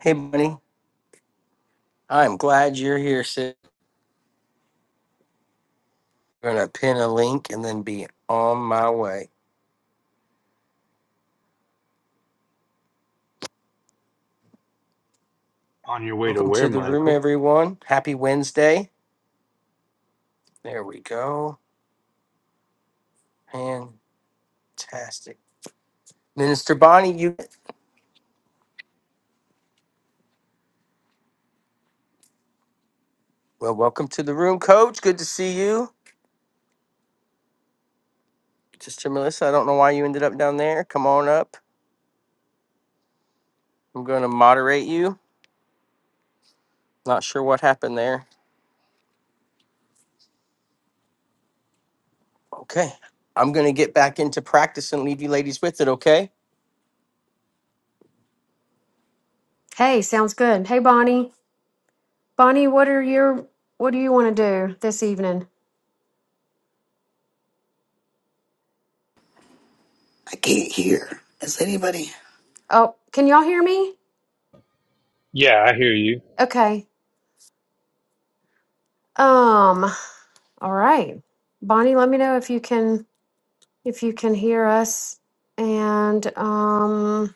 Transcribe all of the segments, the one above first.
Hey, buddy. I'm glad you're here, sis. I'm going to pin a link and then be on my way. On your way to Welcome where, to the room, Michael? everyone. Happy Wednesday. There we go. Fantastic. Minister Bonnie, you. Well, welcome to the room, coach. Good to see you. Sister Melissa, I don't know why you ended up down there. Come on up. I'm going to moderate you. Not sure what happened there. Okay. I'm going to get back into practice and leave you ladies with it, okay? Hey, sounds good. Hey, Bonnie. Bonnie, what are your what do you want to do this evening? I can't hear. Is anybody? Oh, can y'all hear me? Yeah, I hear you. Okay. Um, all right. Bonnie, let me know if you can if you can hear us. And um,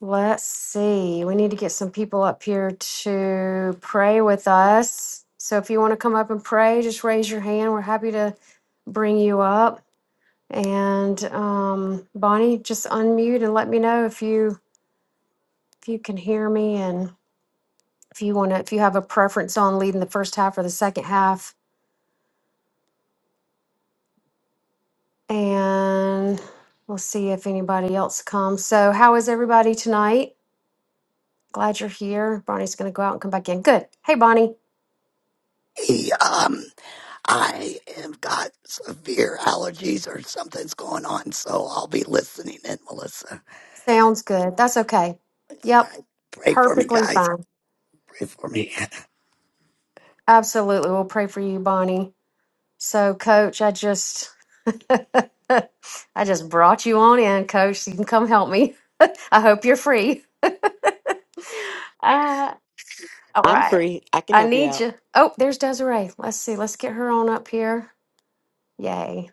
let's see. We need to get some people up here to pray with us. So if you want to come up and pray, just raise your hand. We're happy to bring you up. And um, Bonnie, just unmute and let me know if you If you can hear me and if you want to, if you have a preference on leading the first half or the second half, and we'll see if anybody else comes. So, how is everybody tonight? Glad you're here. Bonnie's going to go out and come back in. Good. Hey, Bonnie. Hey, um, I have got severe allergies or something's going on, so I'll be listening in, Melissa. Sounds good. That's okay. All Yep. right. Pray for me, Perfectly guys. fine. Pray for me. Absolutely. We'll pray for you, Bonnie. So, coach, I just. I just brought you on in, coach. so You can come help me. I hope you're free. Uh, All I'm right. free. I can I help you need out. you. Oh, there's Desiree. Let's see. Let's get her on up here. Yay.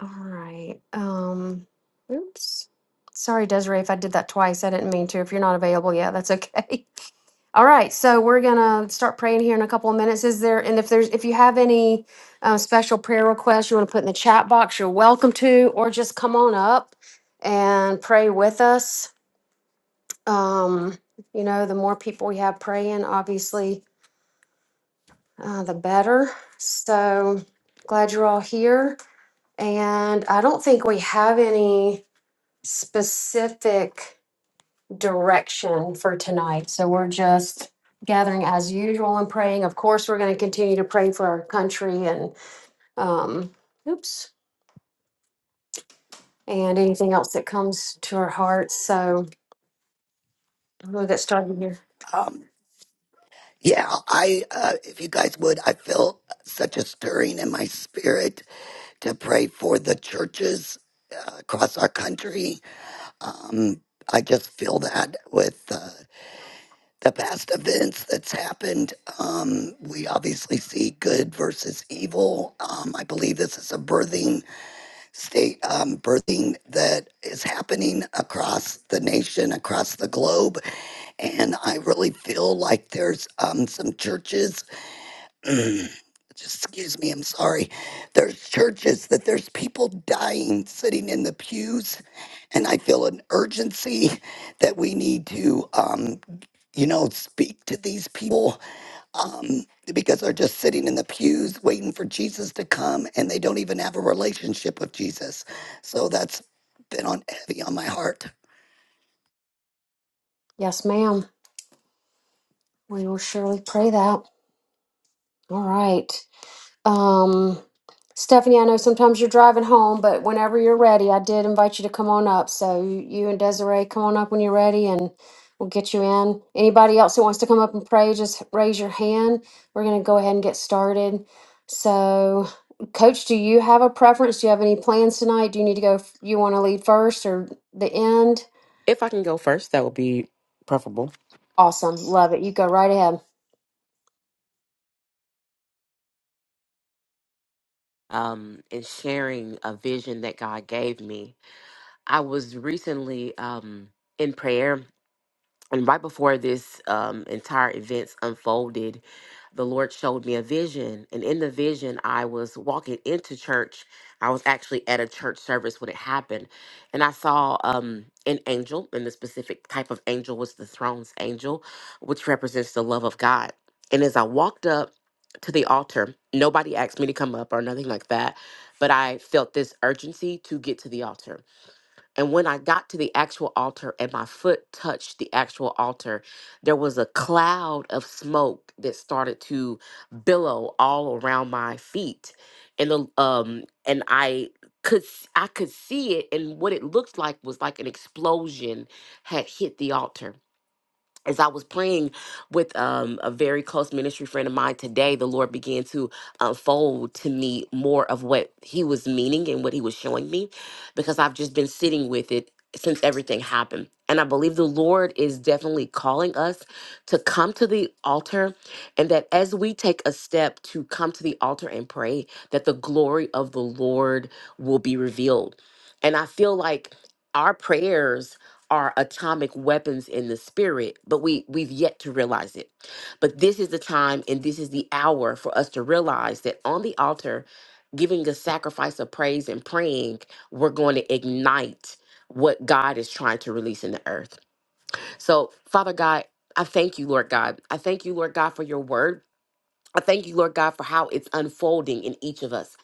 All right. Um, oops. Sorry, Desiree, if I did that twice. I didn't mean to. If you're not available, yeah, that's okay. All right, so we're gonna start praying here in a couple of minutes. Is there, and if there's, if you have any uh, special prayer requests you want to put in the chat box, you're welcome to, or just come on up and pray with us. Um, you know, the more people we have praying, obviously, uh, the better. So glad you're all here. And I don't think we have any specific direction for tonight. So we're just gathering as usual and praying. Of course, we're going to continue to pray for our country and, um, oops, and anything else that comes to our hearts. So we'll get started here. Um, yeah, I, uh, if you guys would, I feel such a stirring in my spirit to pray for the churches uh, across our country. Um, I just feel that with. uh, the past events that's happened. Um, we obviously see good versus evil. Um, I believe this is a birthing state, um, birthing that is happening across the nation, across the globe. And I really feel like there's um, some churches just excuse me, I'm sorry. There's churches that there's people dying sitting in the pews, and I feel an urgency that we need to, um, you know, speak to these people um, because they're just sitting in the pews waiting for Jesus to come, and they don't even have a relationship with Jesus. So that's been on heavy on my heart. Yes, ma'am. We will surely pray that. All right. Um, Stephanie, I know sometimes you're driving home, but whenever you're ready, I did invite you to come on up. So you, you and Desiree, come on up when you're ready and we'll get you in. Anybody else who wants to come up and pray, just raise your hand. We're going to go ahead and get started. So, Coach, do you have a preference? Do you have any plans tonight? Do you need to go? f- You want to lead first or the end? If I can go first, that would be preferable. Awesome. Love it. You go right ahead. Um, in sharing a vision that God gave me, I was recently um in prayer and right before this um, entire events unfolded the lord showed me a vision and in the vision i was walking into church i was actually at a church service when it happened and i saw um, an angel and the specific type of angel was the throne's angel which represents the love of god and as i walked up to the altar nobody asked me to come up or nothing like that but i felt this urgency to get to the altar and when I got to the actual altar and my foot touched the actual altar, there was a cloud of smoke that started to billow all around my feet. And the um and I could s- I could see it and what it looked like was like an explosion had hit the altar as I was praying with um, a very close ministry friend of mine today, the Lord began to unfold to me more of what He was meaning and what He was showing me because I've just been sitting with it since everything happened. And I believe the Lord is definitely calling us to come to the altar and that as we take a step to come to the altar and pray, that the glory of the Lord will be revealed. And I feel like our prayers are atomic weapons in the spirit but we we've yet to realize it but this is the time and this is the hour for us to realize that on the altar giving a sacrifice of praise and praying we're going to ignite what god is trying to release in the earth so father god I thank you, Lord God. I thank you, Lord God, for your word I thank you, Lord God, for how it's unfolding in each of us.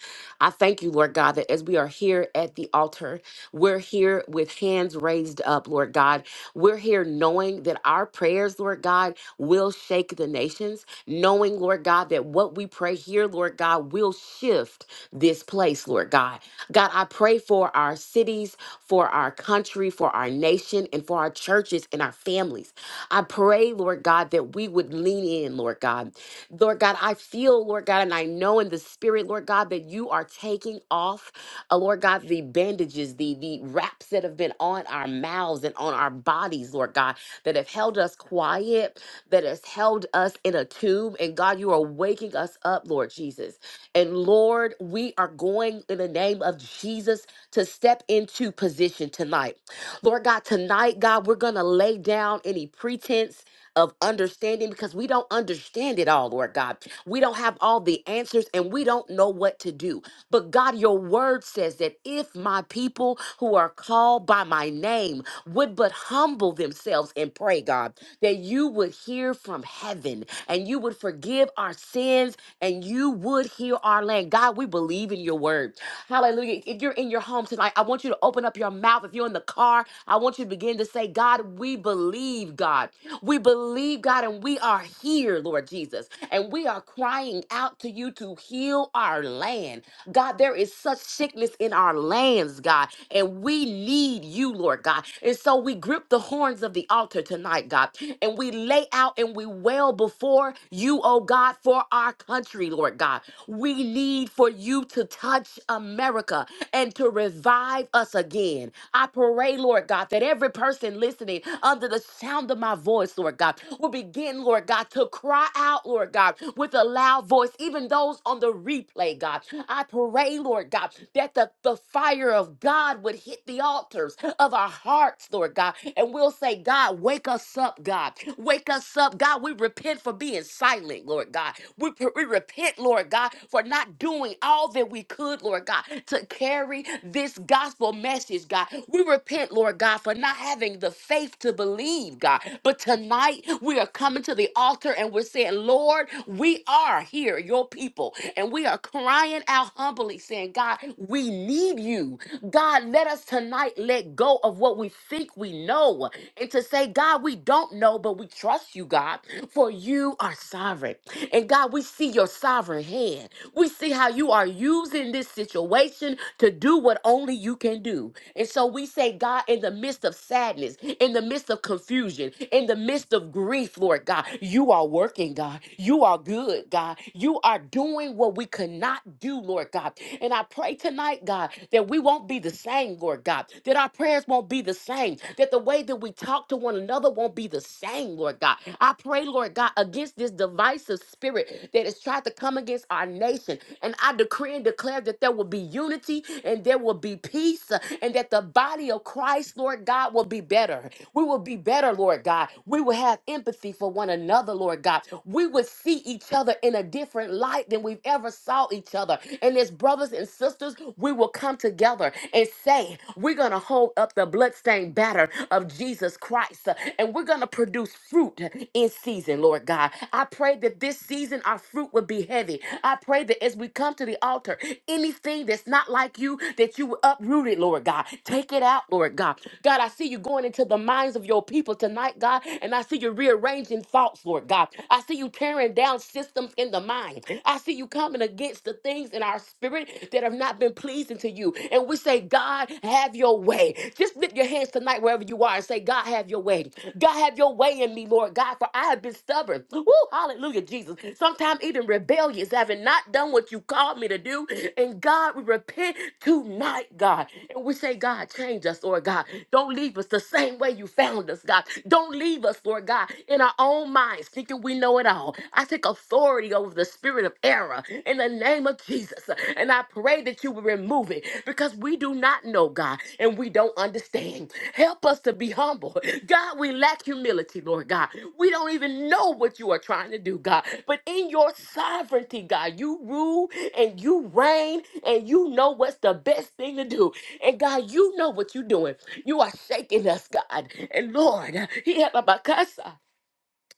I thank you, Lord God, that as we are here at the altar, we're here with hands raised up, Lord God. We're here knowing that our prayers, Lord God, will shake the nations, knowing, Lord God, that what we pray here, Lord God, will shift this place, Lord God. God, I pray for our cities, for our country, for our nation, and for our churches and our families. I pray, Lord God, that we would lean in, Lord God. Lord God, I feel, Lord God, and I know in the spirit, Lord God, that you are taking off, uh, Lord God, the bandages, the, the wraps that have been on our mouths and on our bodies, Lord God, that have held us quiet, that has held us in a tomb. And God, you are waking us up, Lord Jesus. And Lord, we are going in the name of Jesus to step into position tonight. Lord God, tonight, God, we're going to lay down any pretense of understanding because we don't understand it all, Lord God. We don't have all the answers and we don't know what to do. But God, your word says that if my people who are called by my name would but humble humble themselves and pray, God, that you would hear from heaven and you would forgive our sins and you would heal our land. God, we believe in your word. Hallelujah. If you're in your home tonight, I want you to open up your mouth. If you're in the car, I want you to begin to say, God, we believe, God. We believe, God, and we are here, Lord Jesus. And we are crying out to you to heal our land. God, there is such sickness in our lands, God, and we need you, Lord God. And so we grip the horns of the altar tonight, God, and we lay out and we wail before you, oh God, for our country, Lord God. We need for you to touch America and to revive us again. I pray, Lord God, that every person listening under the sound of my voice, Lord God, will begin, Lord God, to cry out, Lord God, with a loud voice, even those those on the replay, God. I pray, Lord God, that the, the fire of God would hit the altars of our hearts, Lord God. And we'll say, God, wake us up, God. Wake us up, God. We repent for being silent, Lord God. We, p- we repent, Lord God, for not doing all that we could, Lord God, to carry this gospel message, God. We repent, Lord God, for not having the faith to believe, God. But tonight we are coming to the altar and we're saying, Lord, we are here, your people, and we are crying out humbly, saying, God, we need you. God, let us tonight let go of what we think we know and to say, God, we don't know, but we trust you, God, for you are sovereign. And God, we see your sovereign hand. We see how you are using this situation to do what only you can do. And so we say, God, in the midst of sadness, in the midst of confusion, in the midst of grief, Lord God, you are working, God. You are good, God. You are doing what we could not do, Lord God. And I pray tonight, God, that we won't be the same, Lord God, that our prayers won't be the same, that the way that we talk to one another won't be the same, Lord God. I pray, Lord God, against this divisive spirit that has tried to come against our nation. And I decree and declare that there will be unity and there will be peace uh, and that the body of Christ, Lord God, will be better. We will be better, Lord God. We would have empathy for one another, Lord God. We would see each other in a different light than we've ever saw each other. And as brothers and sisters, we will come together and say, we're going to hold up the bloodstained banner of Jesus Christ uh, and we're going to produce fruit in season, Lord God. I pray that this season our fruit would be heavy. I pray that as we come to the altar, anything that's not like you, that you would uproot it, Lord God. Take it out, Lord God. God, I see you going into the minds of your people tonight, God. And I see you rearranging thoughts, Lord God. I see you tearing down systems in the mind. I see you coming against the things in our spirit that have not been pleasing to you. And we say, God, have your way. Just lift your hands tonight wherever you are and say, God, have your way. God, have your way in me, Lord God, for I have been stubborn. Woo, hallelujah, Jesus. Sometimes even rebellious, having not done what you called me to do. And God, we repent tonight, God. And we say, God, change us, Lord. Lord God. Don't leave us the same way you found us, God. Don't leave us, Lord God, in our own minds, thinking we know it all. I take authority over the spirit of error in the name of Jesus. And I pray that you will remove it because we do not know, God, and we don't understand. Help us to be humble. God, we lack humility, Lord God. We don't even know what you are trying to do, God. But in your sovereignty, God, you rule and you reign and you know what's the best thing to do. And God, you know what you're doing. You are shaking us, God. And Lord, he had a bakasa.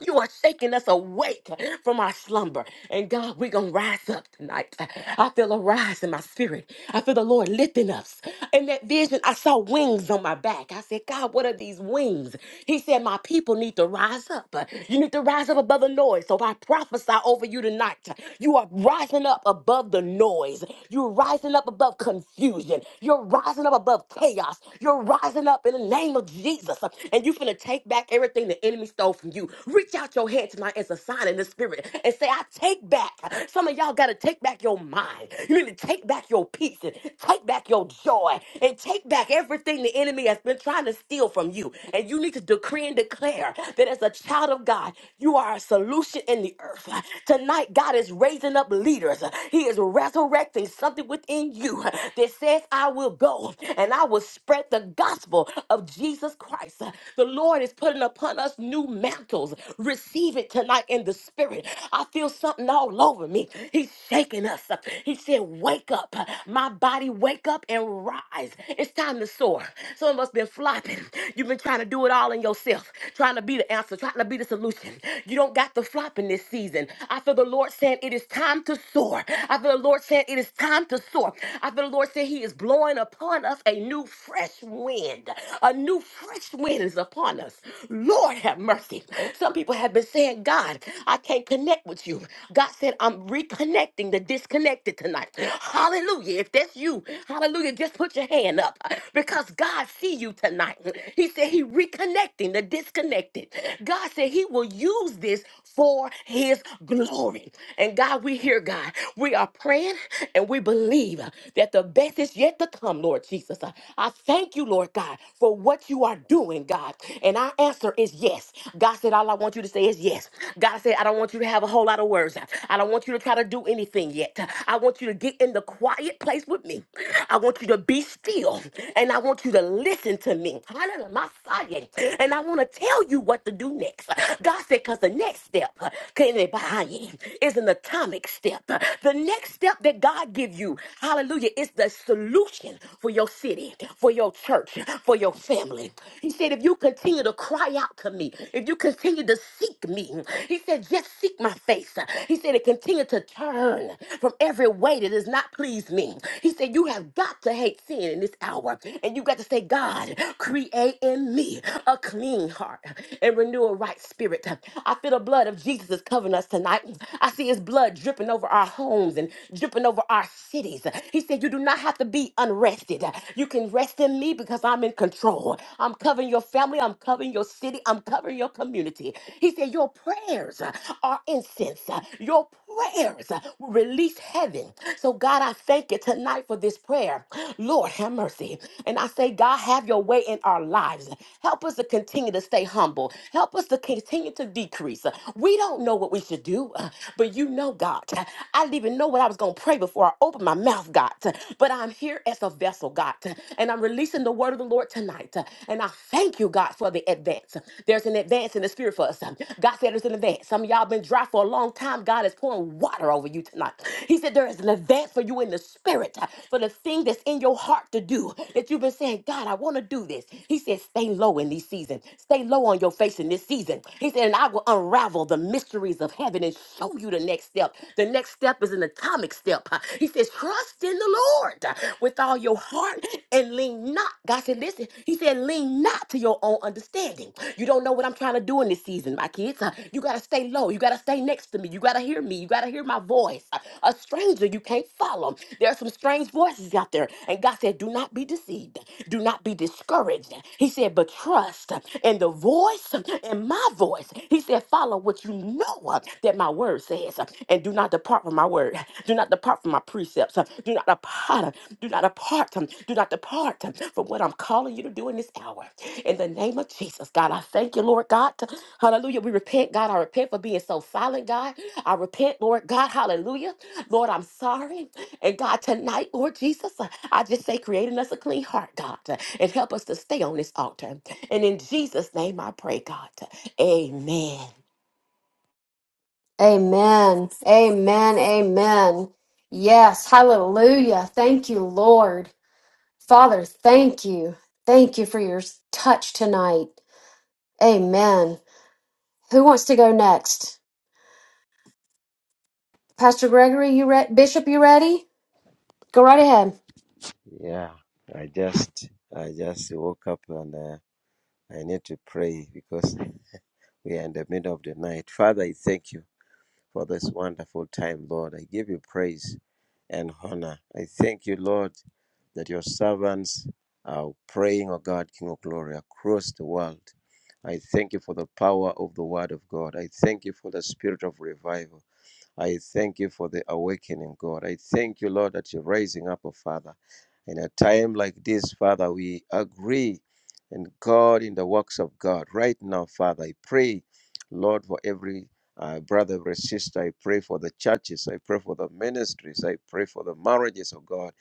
You are shaking us awake from our slumber. And God, we're going to rise up tonight. I feel a rise in my spirit. I feel the Lord lifting us. In that vision, I saw wings on my back. I said, God, what are these wings? He said, My people need to rise up. You need to rise up above the noise. So I prophesy over you tonight. You are rising up above the noise. You're rising up above confusion. You're rising up above chaos. You're rising up in the name of Jesus. And you you finna take back everything the enemy stole from you. Reach out your hand tonight as a sign in the spirit and say, I take back. Some of y'all gotta take back your mind. You need to take back your peace and take back your joy and take back everything the enemy has been trying to steal from you. And you need to decree and declare that as a child of God, you are a solution in the earth. Tonight, God is raising up leaders. He is resurrecting something within you that says, I will go and I will spread spread the gospel of Jesus Christ. The Lord is putting upon us new mantles. Receive it tonight in the spirit. I feel something all over me. He's shaking us. He said, Wake up, my body, wake up and rise. It's time to soar. Some of us been flopping. You've been trying to do it all in yourself, trying to be the answer, trying to be the solution. You don't got the flop in this season. I feel the Lord saying it is time to soar. I feel the Lord saying it is time to soar. I feel the Lord Lord said He is blowing upon us a new fresh wind. A new fresh wind is upon us. Lord have mercy. Some people have been saying, God, I can't connect with you. God said, I'm reconnecting the disconnected tonight. Hallelujah. If that's you, hallelujah, just put your hand up because God see you tonight. He said he reconnecting the disconnected. God said he will use this for his glory. And God, we hear God. We are are praying and we believe uh, that the best is yet to come, Lord Jesus. Uh, I thank you, Lord God, for what you are doing, God. And our answer is yes. God said, All I want you to say is yes. God said, I don't want you to have a whole lot of words. I don't want you to try to do anything yet. I want you to get in the quiet place with me. I want you to be still and I want you to listen to me. Hallelujah, my Messiah. And I want to tell you what to do next. God said, because the next step, dying is an atomic step. The next step that God gives you, hallelujah, is the solution for your city, for your church, for your family. He said, if you continue to cry out to me, if you continue to seek me, he said, just seek my face. He said, and continue to turn from every way that does not please me. He said, you have got to hate sin in this hour. And you got to say, God, create in me a clean heart and renew a right spirit. I feel the blood of Jesus is covering us tonight. I see his blood dripping over our homes and dripping over our cities. He said, You do not have to be unrested. You can rest in me because I'm in control. I'm covering your family. I'm covering your city. I'm covering your community. He said, Your prayers are incense. Your prayers will release heaven. So, God, I thank you tonight for this prayer. Lord, have mercy. And I say, God, have your way in our lives. Help us to continue to stay humble. Help us to continue to decrease. We don't know what we should do, uh, but you know, God. I didn't even know what I was going to pray before I opened my mouth, God. But I'm here as a vessel, God, and I'm releasing the word of the Lord tonight. And I thank you, God, for the advance. There's an advance in the spirit for us. God said there's an advance. Some of y'all been dry for a long time. God is pouring water over you tonight. He said there is an advance for you in the spirit for the thing that's in your heart to do that you've been you've been saying, God, I want to do this. He said, stay low in these seasons. Stay low on your face in this season. He said, and I will unravel the mysteries of heaven and show you the next step. The next step is an atomic step. He says, trust in the Lord with all your heart and lean not. God said, listen, he said, lean not to your own understanding. You don't know what I'm trying to do in this season, my kids. Uh, You got to stay low. You got to stay next to me. You got to hear me. You got to hear my voice. Uh, A stranger you can't follow. There are some strangers various voices out there. And God said, Do not be deceived. Do not be discouraged. He said, But trust in the voice, in my voice. He said, Follow what you know that my word says. And do not depart from my word. Do not depart from my precepts. Do not depart. Do not depart. Do not depart from what I'm calling you to do in this hour. In the name of Jesus, God, I thank you, Lord God. Hallelujah. We repent, God. I repent for being so silent, God. I repent, Lord God. Hallelujah. Lord, I'm sorry. And God, tonight, Lord Jesus, uh, I just say, creating us a clean heart, God, uh, and help us to stay on this altar. And in Jesus' name I pray, God. Amen. Amen. Amen. Amen. Yes. Hallelujah. Thank you, Lord. Father, thank you. Thank you for your touch tonight. Amen. Who wants to go next? Pastor Gregory, you re- Bishop, you ready? Go right ahead. Yeah, I just I just woke up and uh, I need to pray because we are in the middle of the night. Father, I thank you for this wonderful time, Lord. I give you praise and honor. I thank you, Lord, that your servants are praying, O God, King of glory, across the world. I thank you for the power of the word of God. I thank you for the spirit of revival. I thank you for the awakening, God. I thank you, Lord, that you're raising up a father. In a time like this, Father, we agree and God in the works of God. Right now, Father, I pray, Lord, for every uh, brother, every sister. I pray for the churches. I pray for the ministries. I pray for the marriages, of God.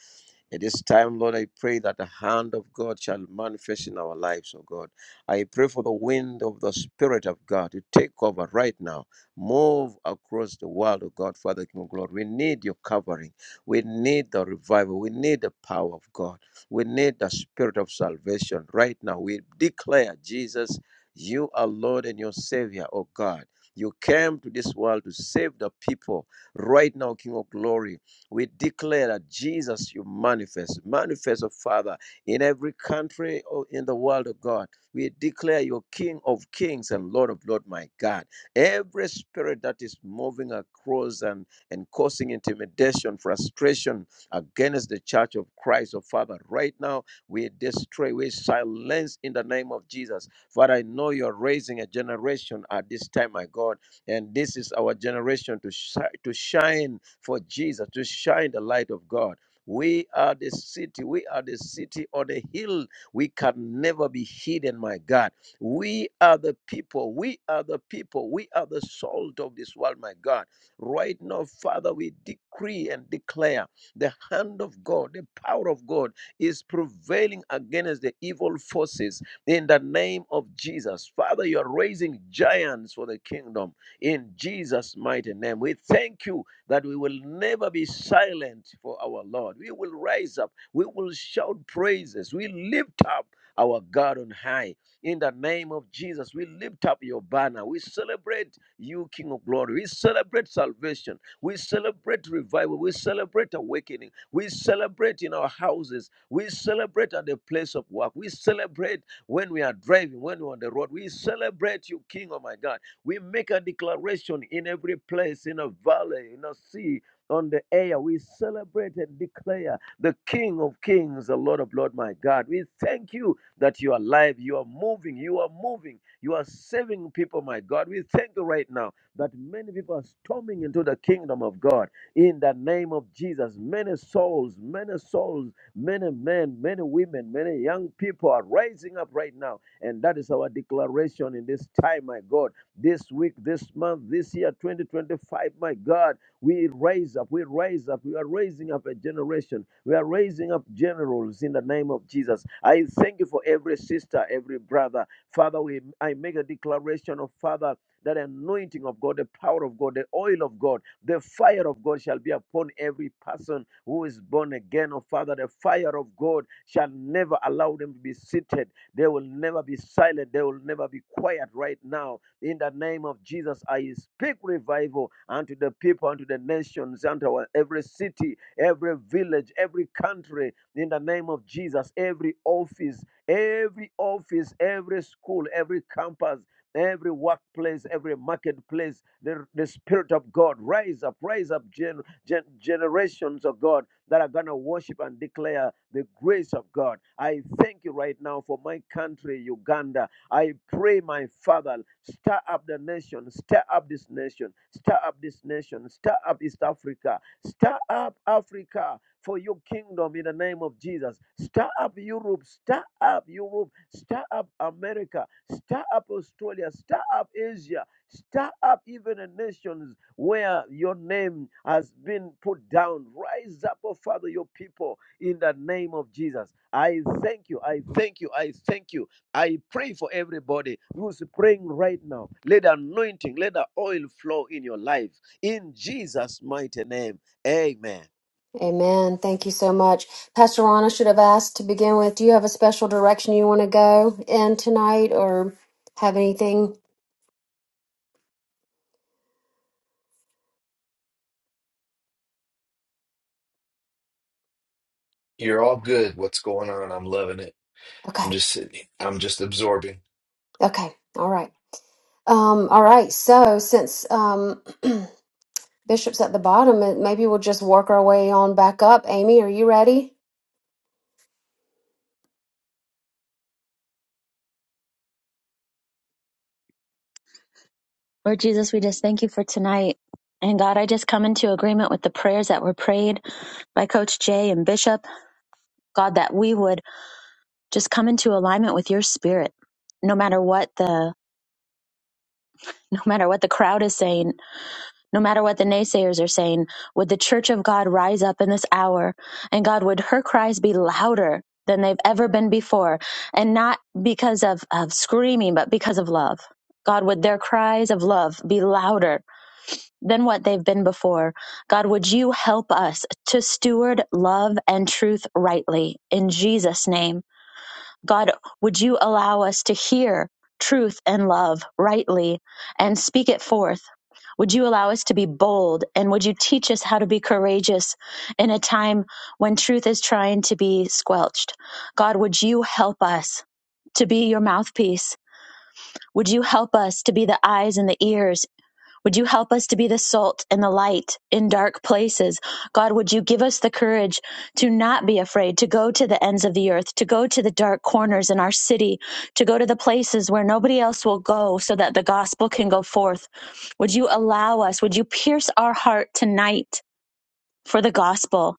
At this time, Lord, I pray that the hand of God shall manifest in our lives, oh God. I pray for the wind of the Spirit of God to take over right now. Move across the world, oh God, Father King of Glory. We need your covering. We need the revival. We need the power of God. We need the Spirit of salvation right now. We declare, Jesus, you are Lord and your Savior, oh God. You came to this world to save the people. Right now, King of Glory, we declare that Jesus, you manifest, manifest, oh Father, in every country or in the world, of God. We declare you King of kings and Lord of lords, my God. Every spirit that is moving across and, and causing intimidation, frustration against the church of Christ, oh Father, right now, we destroy, we silence in the name of Jesus. Father, I know you're raising a generation at this time, my God and this is our generation to, shi- to shine for Jesus, to shine the light of God. We are the city. We are the city on the hill. We can never be hidden, my God. We are the people. We are the people. We are the salt of this world, my God. Right now, Father, we decree and declare the hand of God, the power of God is prevailing against the evil forces in the name of Jesus. Father, you are raising giants for the kingdom in Jesus' mighty name. We thank you that we will never be silent for our Lord. We will rise up, we will shout praises, we lift up our God on high. In the name of Jesus, we lift up your banner. We celebrate you, King of Glory. We celebrate salvation. We celebrate revival. We celebrate awakening. We celebrate in our houses. We celebrate at the place of work. We celebrate when we are driving, when we're on the road. We celebrate you, King of my God. We make a declaration in every place, in a valley, in a sea, on the air. We celebrate and declare the King of Kings, the Lord of Lords, my God. We thank you that you are alive, you are moving, you are moving, you are saving people, my God. We thank you right now that many people are storming into the kingdom of God in the name of Jesus. Many souls, many souls, many men, many women, many young people are rising up right now. And that is our declaration in this time, my God this week, this month, this year, 2025. My God, we raise up, we raise up, we are raising up a generation. We are raising up generals in the name of Jesus. I thank you for every sister, every brother. Father, we I make a declaration of Father. That anointing of God, the power of God, the oil of God, the fire of God shall be upon every person who is born again. Oh Father, the fire of God shall never allow them to be seated. They will never be silent. They will never be quiet right now in the name of Jesus, I speak revival unto the people, unto the nations, unto our, every city, every village, every country. In the name of Jesus, every office, every office, every school, every campus, every workplace, every marketplace, the, the Spirit of God, rise up, rise up gen, gen, generations of God that are going to worship and declare the grace of God. I thank you right now for my country, Uganda. I pray, my Father, stir up the nation, stir up this nation, stir up this nation, stir up East Africa, stir up Africa for your kingdom in the name of Jesus. Stir up Europe, stir up Europe, stir up America, stir up Australia, stir up Asia, stir up even the nations where your name has been put down. Rise up, oh Father, your people in the name of Jesus. I thank you, I thank you, I thank you I pray for everybody who's praying right now. Let the anointing, let the oil flow in your life. In Jesus' mighty name. Amen. Amen. Thank you so much. Pastor Ron, I should have asked to begin with. Do you have a special direction you want to go in tonight or have anything? You're all good. What's going on? I'm loving it. Okay. I'm just sitting. I'm just absorbing. Okay. All right. Um, all right. So since um, Bishop's at the bottom, uh, maybe we'll just work our way on back up. Amy, are you ready? Lord Jesus, we just thank you for tonight. And God, I just come into agreement with the prayers that were prayed by Coach Jay and Bishop. God, that we would just come into alignment with your spirit. No matter what the no matter what the crowd is saying, no matter what the naysayers are saying, would the church of God rise up in this hour? And God, would her cries be louder than they've ever been before? And not because of, of screaming, but because of love. God, would their cries of love be louder than what they've been before. God, would you help us to steward love and truth rightly in Jesus' name? God, would you allow us to hear truth and love rightly and speak it forth? Would you allow us to be bold? And would you teach us how to be courageous in a time when truth is trying to be squelched? God, would you help us to be your mouthpiece? Would you help us to be the eyes and the ears? Would you help us to be the salt and the light in dark places? God, would you give us the courage to not be afraid, to go to the ends of the earth, to go to the dark corners in our city, to go to the places where nobody else will go so that the gospel can go forth? Would you allow us, would you pierce our heart tonight for the gospel?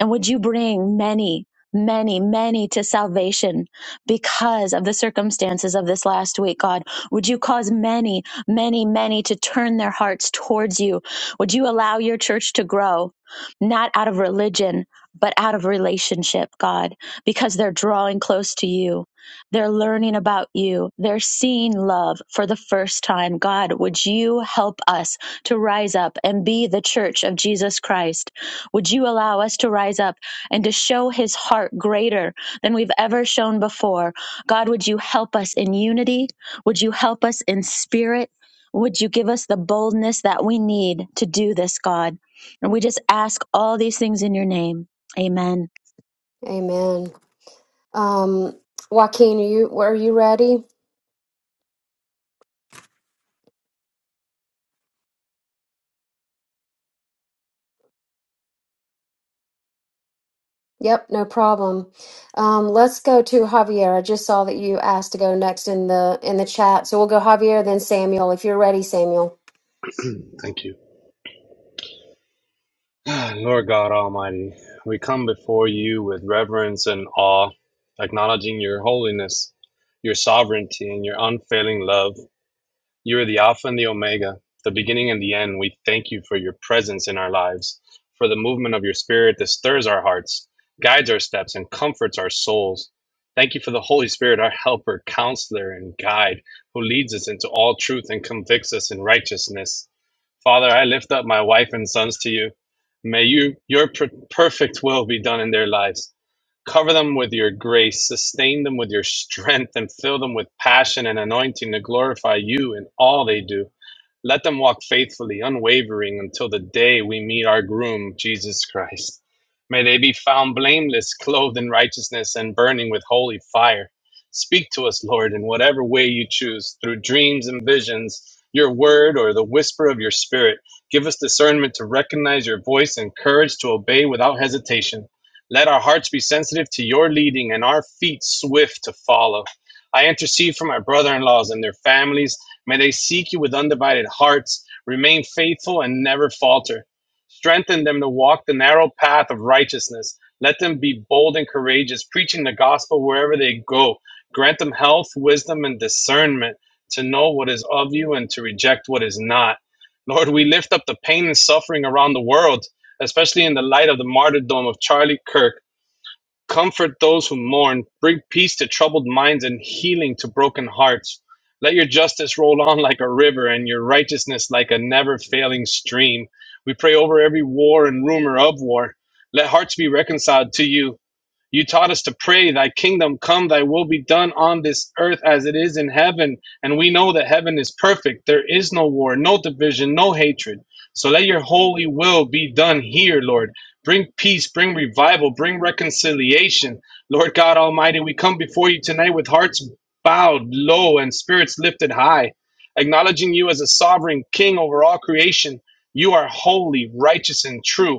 And would you bring many, many, many to salvation because of the circumstances of this last week, God? Would you cause many, many, many to turn their hearts towards you? Would you allow your church to grow, not out of religion, but out of relationship, God, because they're drawing close to you. They're learning about you. They're seeing love for the first time. God, would you help us to rise up and be the church of Jesus Christ? Would you allow us to rise up and to show his heart greater than we've ever shown before? God, would you help us in unity? Would you help us in spirit? Would you give us the boldness that we need to do this, God? And we just ask all these things in your name. Amen. Amen. Um, Joaquin, are you were you ready? Yep, no problem. Um, let's go to Javier. I just saw that you asked to go next in the in the chat, so we'll go Javier, then Samuel. If you're ready, Samuel. Thank you. Lord God Almighty, we come before you with reverence and awe, acknowledging your holiness, your sovereignty, and your unfailing love. You are the Alpha and the Omega, the beginning and the end. We thank you for your presence in our lives, for the movement of your spirit that stirs our hearts, guides our steps, and comforts our souls. Thank you for the Holy Spirit, our helper, counselor, and guide, who leads us into all truth and convicts us in righteousness. Father, I lift up my wife and sons to you. May you, your per- perfect will be done in their lives. Cover them with your grace, sustain them with your strength, and fill them with passion and anointing to glorify you in all they do. Let them walk faithfully, unwavering, until the day we meet our groom, Jesus Christ. May they be found blameless, clothed in righteousness, and burning with holy fire. Speak to us, Lord, in whatever way you choose, through dreams and visions, your word, or the whisper of your spirit. Give us discernment to recognize your voice and courage to obey without hesitation. Let our hearts be sensitive to your leading and our feet swift to follow. I intercede for my brother in laws and their families May they seek you with undivided hearts, remain faithful, and never falter. Strengthen them to walk the narrow path of righteousness. Let them be bold and courageous, preaching the gospel wherever they go. Grant them health, wisdom, and discernment to know what is of you and to reject what is not. Lord, we lift up the pain and suffering around the world, especially in the light of the martyrdom of Charlie Kirk. Comfort those who mourn, bring peace to troubled minds and healing to broken hearts. Let your justice roll on like a river and your righteousness like a never failing stream. We pray over every war and rumor of war. Let hearts be reconciled to you you taught us to pray, Thy kingdom come, Thy will be done on this earth as it is in heaven. And we know that heaven is perfect. There is no war, no division, no hatred. So let your holy will be done here, Lord. Bring peace, bring revival, bring reconciliation. Lord God Almighty, we come before you tonight with hearts bowed low and spirits lifted high, acknowledging you as a sovereign king over all creation. You are holy, righteous, and true.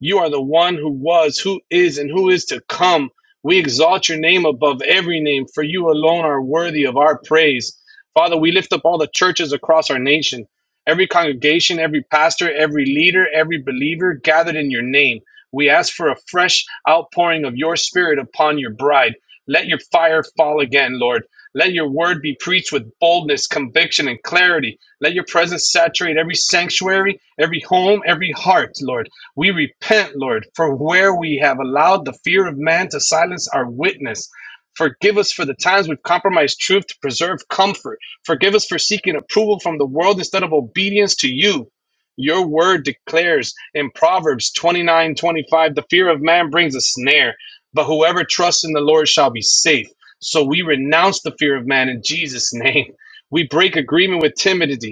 You are the one who was, who is, and who is to come. We exalt your name above every name, for you alone are worthy of our praise. Father, we lift up all the churches across our nation, every congregation, every pastor, every leader, every believer gathered in your name. We ask for a fresh outpouring of your spirit upon your bride. Let your fire fall again, Lord. Let your word be preached with boldness, conviction, and clarity. Let your presence saturate every sanctuary, every home, every heart, Lord. We repent, Lord, for where we have allowed the fear of man to silence our witness. Forgive us for the times we've compromised truth to preserve comfort. Forgive us for seeking approval from the world instead of obedience to you. Your word declares in Proverbs 29 25: the fear of man brings a snare, but whoever trusts in the Lord shall be safe. So we renounce the fear of man in Jesus' name. We break agreement with timidity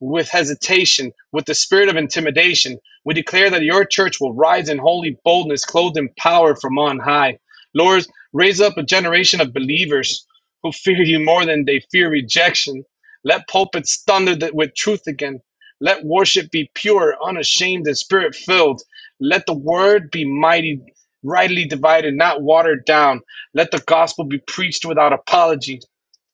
with hesitation, with the spirit of intimidation. We declare that your church will rise in holy boldness, clothed in power from on high. Lord, raise up a generation of believers who fear you more than they fear rejection. Let pulpits thunder th- with truth again. Let worship be pure, unashamed, and spirit filled. Let the word be mighty, rightly divided, not watered down. Let the gospel be preached without apology.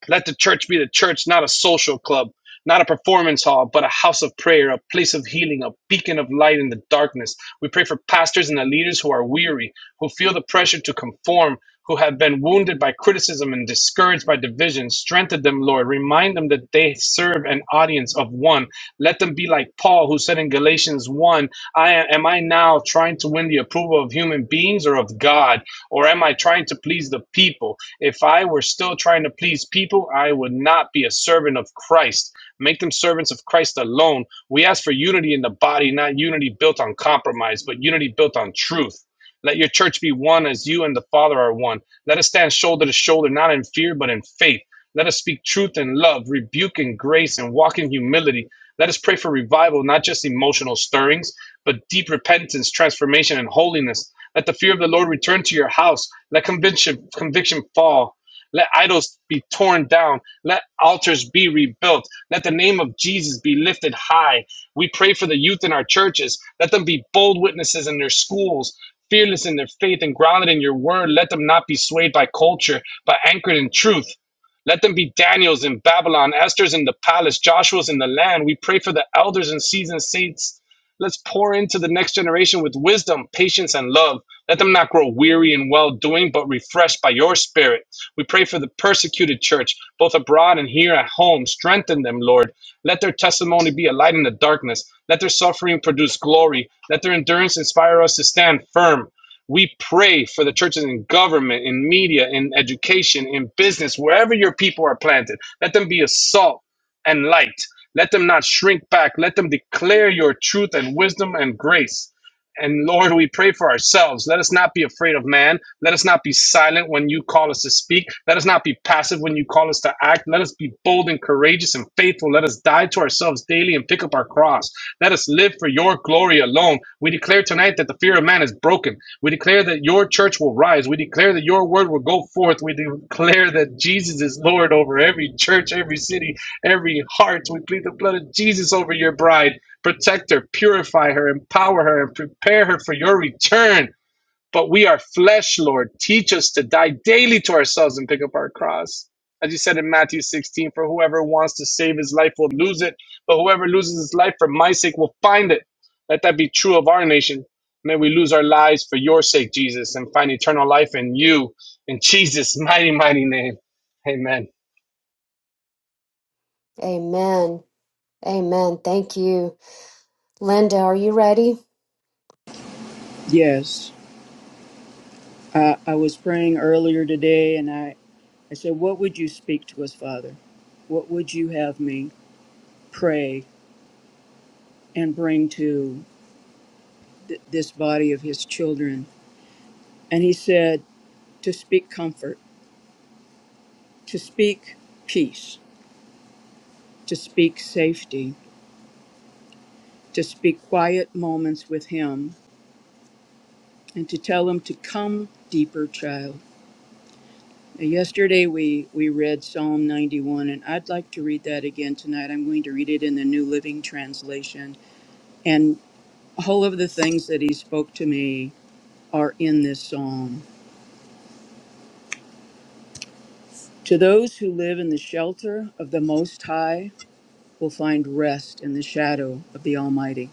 Let the church be the church, not a social club, not a performance hall, but a house of prayer, a place of healing, a beacon of light in the darkness. We pray for pastors and the leaders who are weary, who feel the pressure to conform, who have been wounded by criticism and discouraged by division. Strengthen them, Lord. Remind them that they serve an audience of one. Let them be like Paul, who said in Galatians 1 I am, am I now trying to win the approval of human beings or of God? Or am I trying to please the people? If I were still trying to please people, I would not be a servant of Christ. Make them servants of Christ alone. We ask for unity in the body, not unity built on compromise, but unity built on truth. Let your church be one as you and the Father are one. Let us stand shoulder to shoulder, not in fear, but in faith. Let us speak truth in love, rebuke in grace, and walk in humility. Let us pray for revival, not just emotional stirrings, but deep repentance, transformation, and holiness. Let the fear of the Lord return to your house. Let conviction, conviction fall. Let idols be torn down. Let altars be rebuilt. Let the name of Jesus be lifted high. We pray for the youth in our churches. Let them be bold witnesses in their schools, fearless in their faith and grounded in your word. Let them not be swayed by culture, but anchored in truth. Let them be Daniels in Babylon, Esther's in the palace, Joshua's in the land. We pray for the elders and seasoned saints. Let's pour into the next generation with wisdom, patience, and love. Let them not grow weary in well doing, but refreshed by your spirit. We pray for the persecuted church, both abroad and here at home. Strengthen them, Lord. Let their testimony be a light in the darkness. Let their suffering produce glory. Let their endurance inspire us to stand firm. We pray for the churches in government, in media, in education, in business, wherever your people are planted. Let them be a salt and light. Let them not shrink back. Let them declare your truth and wisdom and grace. And Lord, we pray for ourselves. Let us not be afraid of man. Let us not be silent when you call us to speak. Let us not be passive when you call us to act. Let us be bold and courageous and faithful. Let us die to ourselves daily and pick up our cross. Let us live for your glory alone. We declare tonight that the fear of man is broken. We declare that your church will rise. We declare that your word will go forth. We declare that Jesus is Lord over every church, every city, every heart. We plead the blood of Jesus over your bride. Protect her, purify her, empower her, and prepare her for your return. But we are flesh, Lord. Teach us to die daily to ourselves and pick up our cross. As you said in Matthew 16, for whoever wants to save his life will lose it, but whoever loses his life for my sake will find it. Let that be true of our nation. May we lose our lives for your sake, Jesus, and find eternal life in you. In Jesus' mighty, mighty name. Amen. Amen. Amen. Thank you, Linda. Are you ready? Yes, I, I was praying earlier today and I, I said, What would you speak to us, Father? What would you have me pray and bring to th- this body of his children? And he said, To speak comfort, to speak peace, to speak safety, to speak quiet moments with him, and to tell him to come deeper, child. Now, yesterday we, we read Psalm 91, and I'd like to read that again tonight. I'm going to read it in the New Living Translation And all of the things that he spoke to me are in this psalm. To those who live in the shelter of the Most High will find rest in the shadow of the Almighty.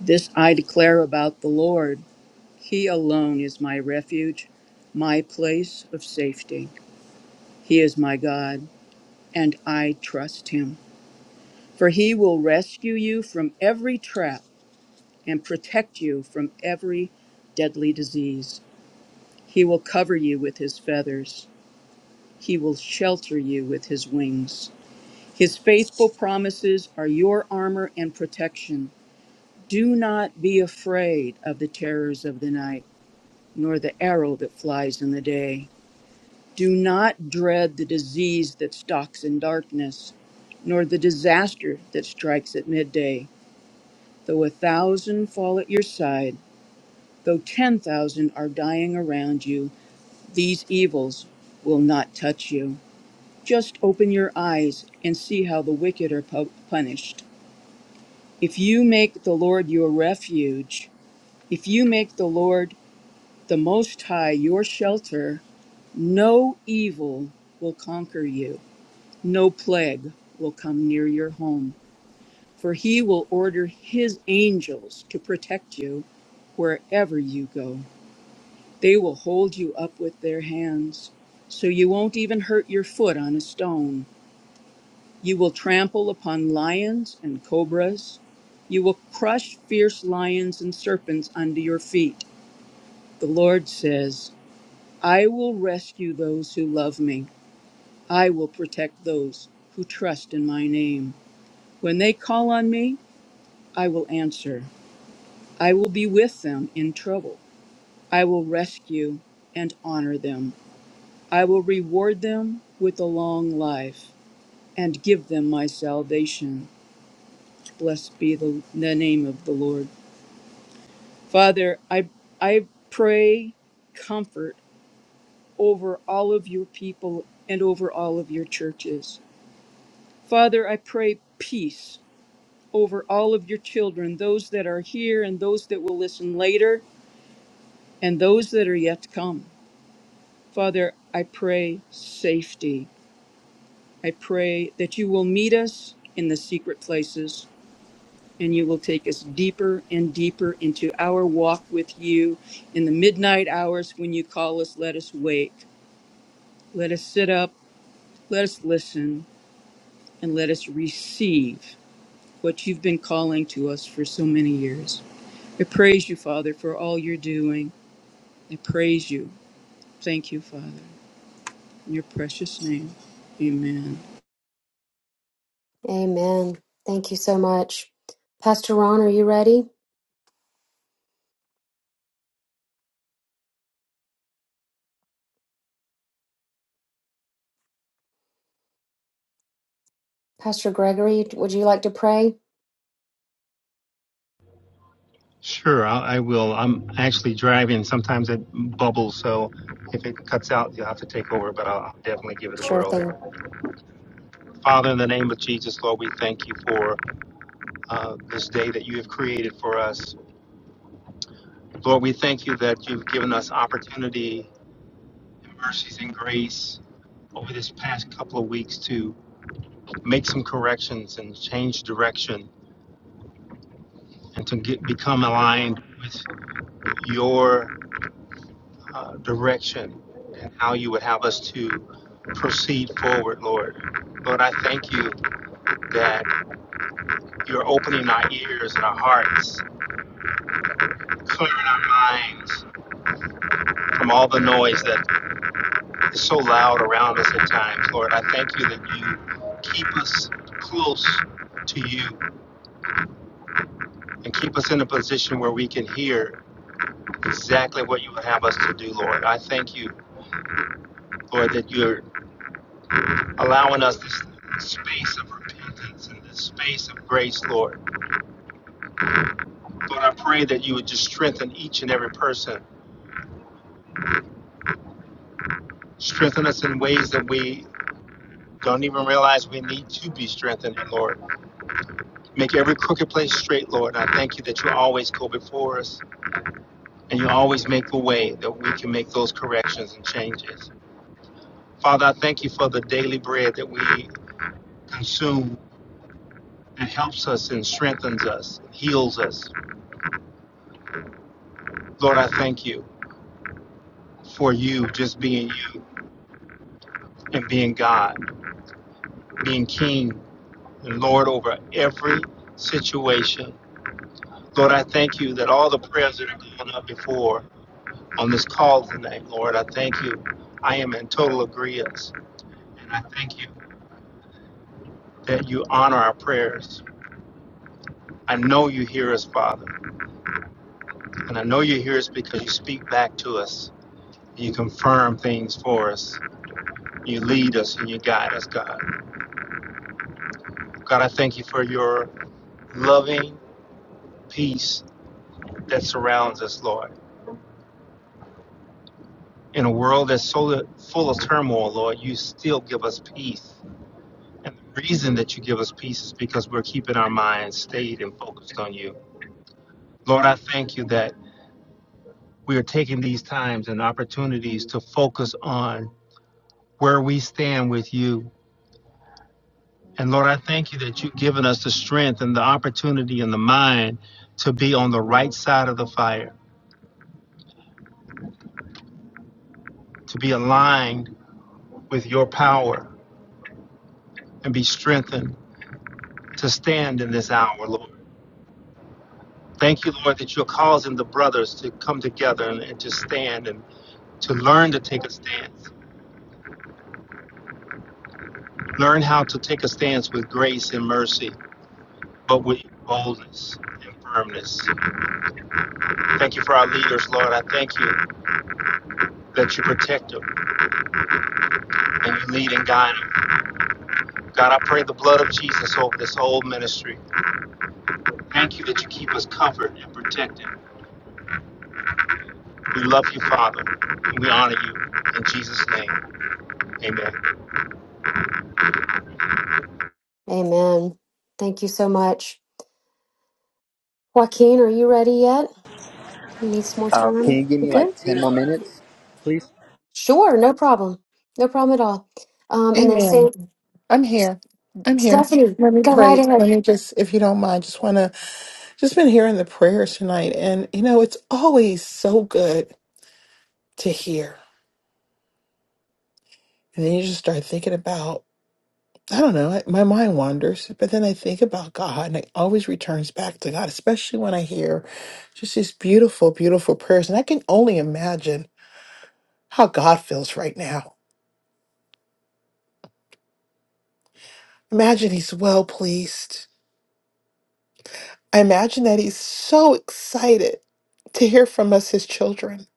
This I declare about the Lord. He alone is my refuge, my place of safety. He is my God, and I trust him. For he will rescue you from every trap and protect you from every deadly disease. He will cover you with his feathers He will shelter you with his wings. His faithful promises are your armor and protection. Do not be afraid of the terrors of the night, nor the arrow that flies in the day. Do not dread the disease that stalks in darkness, nor the disaster that strikes at midday. Though a thousand fall at your side, though ten thousand are dying around you, these evils will not touch you. Just open your eyes and see how the wicked are pu- punished. If you make the Lord your refuge, if you make the Lord the Most High your shelter, no evil will conquer you, no plague will come near your home, for he will order his angels to protect you wherever you go. They will hold you up with their hands, so you won't even hurt your foot on a stone. You will trample upon lions and cobras. You will crush fierce lions and serpents under your feet. The Lord says, I will rescue those who love me. I will protect those who trust in my name. When they call on me, I will answer. I will be with them in trouble. I will rescue and honor them. I will reward them with a long life and give them my salvation. Blessed be the, the name of the Lord. Father, I, I pray comfort over all of your people and over all of your churches. Father, I pray peace over all of your children, those that are here and those that will listen later and those that are yet to come. Father, I pray safety. I pray that you will meet us in the secret places and you will take us deeper and deeper into our walk with you in the midnight hours when you call us let us wake Let us sit up, let us listen, and let us receive what you've been calling to us for so many years. I praise you, Father, for all you're doing. I praise you. Thank you, Father. In your precious name, amen. Amen. Thank you so much, Pastor Ron. Are you ready? Pastor Gregory, would you like to pray? Sure, I, I will. I'm actually driving. Sometimes it bubbles, so if it cuts out, you'll have to take over, but I'll definitely give it a Sure whirl here. thing. Father, in the name of Jesus, Lord, we thank you for uh, this day that you have created for us. Lord, we thank you that you've given us opportunity, and mercies, and grace over this past couple of weeks to make some corrections and change direction and to get, become aligned with your uh, direction and how you would have us to proceed forward, Lord. Lord, I thank you that you're opening our ears and our hearts, clearing our minds from all the noise that is so loud around us at times. Lord, I thank you that you keep us close to you and keep us in a position where we can hear exactly what you would have us to do, Lord. I thank you, Lord, that you're allowing us this space of repentance and this space of grace, Lord Lord, I pray that you would just strengthen each and every person. Strengthen us in ways that we don't even realize we need to be strengthened, Lord. Make every crooked place straight, Lord. And I thank you that you always go before us and you always make the way that we can make those corrections and changes. Father, I thank you for the daily bread that we consume that helps us and strengthens us, heals us. Lord, I thank you for you just being you and being God, being King Lord, over every situation. Lord, I thank you that all the prayers that have gone up before on this call tonight, Lord, I thank you. I am in total agreement. And I thank you that you honor our prayers. I know you hear us, Father. And I know you hear us because you speak back to us. You confirm things for us. You lead us and you guide us, God. God, I thank you for your loving peace that surrounds us, Lord. In a world that's so full of turmoil, Lord, you still give us peace. And the reason that you give us peace is because we're keeping our minds stayed and focused on you. Lord, I thank you that we are taking these times and opportunities to focus on where we stand with you. And Lord, I thank you that you've given us the strength and the opportunity and the mind to be on the right side of the fire, to be aligned with your power and be strengthened to stand in this hour, Lord. Thank you, Lord, that you're causing the brothers to come together and, and to stand and to learn to take a stance. Learn how to take a stance with grace and mercy, but with boldness and firmness. Thank you for our leaders, Lord. I thank you that you protect them and you lead and guide them. God, I pray the blood of Jesus over this whole ministry. Thank you that you keep us covered and protected. We love you, Father, and we honor you. In Jesus' name, amen. Amen. Thank you so much, Joaquin. Are you ready yet? You need some more Um, can you time. give You me good? like 10 more minutes, please? Sure, no problem. No problem at all. Um, and then say, Amen. I'm here. I'm here. Stephanie, Let me go right pray. ahead. Let me just, if you don't mind, just want to, just been hearing the prayers tonight. And, you know, it's always so good to hear. And then you just start thinking about, I don't know, my mind wanders, but then I think about God and it always returns back to God, especially when I hear just these beautiful, beautiful prayers. And I can only imagine how God feels right now. Imagine He's well pleased. I imagine that he's so excited to hear from us, his children,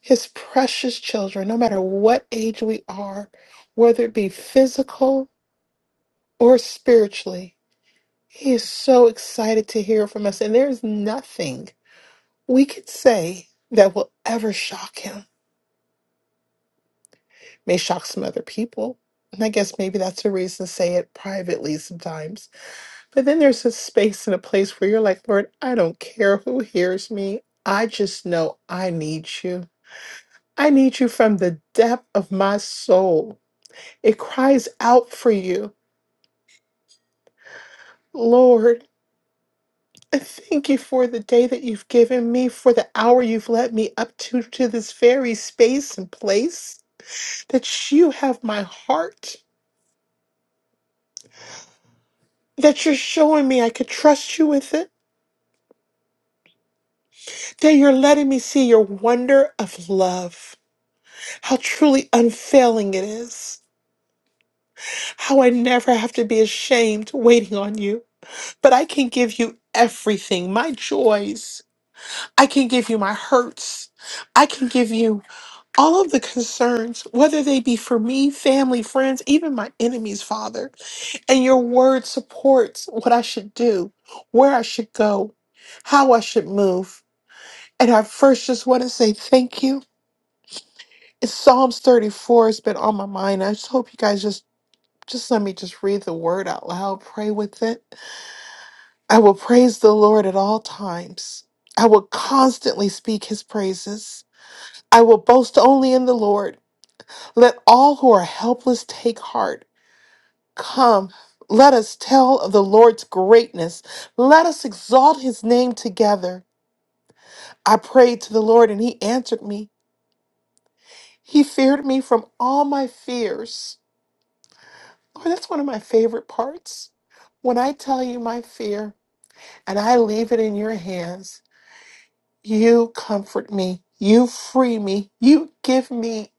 his precious children, no matter what age we are, whether it be physical or spiritually. He is so excited to hear from us, and there's nothing we could say that will ever shock him. May shock some other people. And I guess maybe that's a reason to say it privately sometimes But then there's a space and a place where you're like, Lord, I don't care who hears me. I just know I need you. I need you from the depth of my soul. It cries out for you. Lord, I thank you for the day that you've given me, for the hour you've led me up to, to this very space and place, that you have my heart, that you're showing me I could trust you with it, that you're letting me see your wonder of love. how truly unfailing it is, how I never have to be ashamed waiting on you. But I can give you everything my joys, I can give you my hurts, I can give you all of the concerns, whether they be for me, family, friends, even my enemies, Father. And your word supports what I should do, where I should go, how I should move. And I first just want to say thank you. Psalms 34 has been on my mind. I just hope you guys just Just let me just read the word out loud, pray with it. I will praise the Lord at all times. I will constantly speak his praises. I will boast only in the Lord. Let all who are helpless take heart. Come, let us tell of the Lord's greatness. Let us exalt his name together. I prayed to the Lord and he answered me. He feared me from all my fears. Lord, that's one of my favorite parts. When I tell you my fear, and I leave it in your hands. You comfort me. You free me. You give me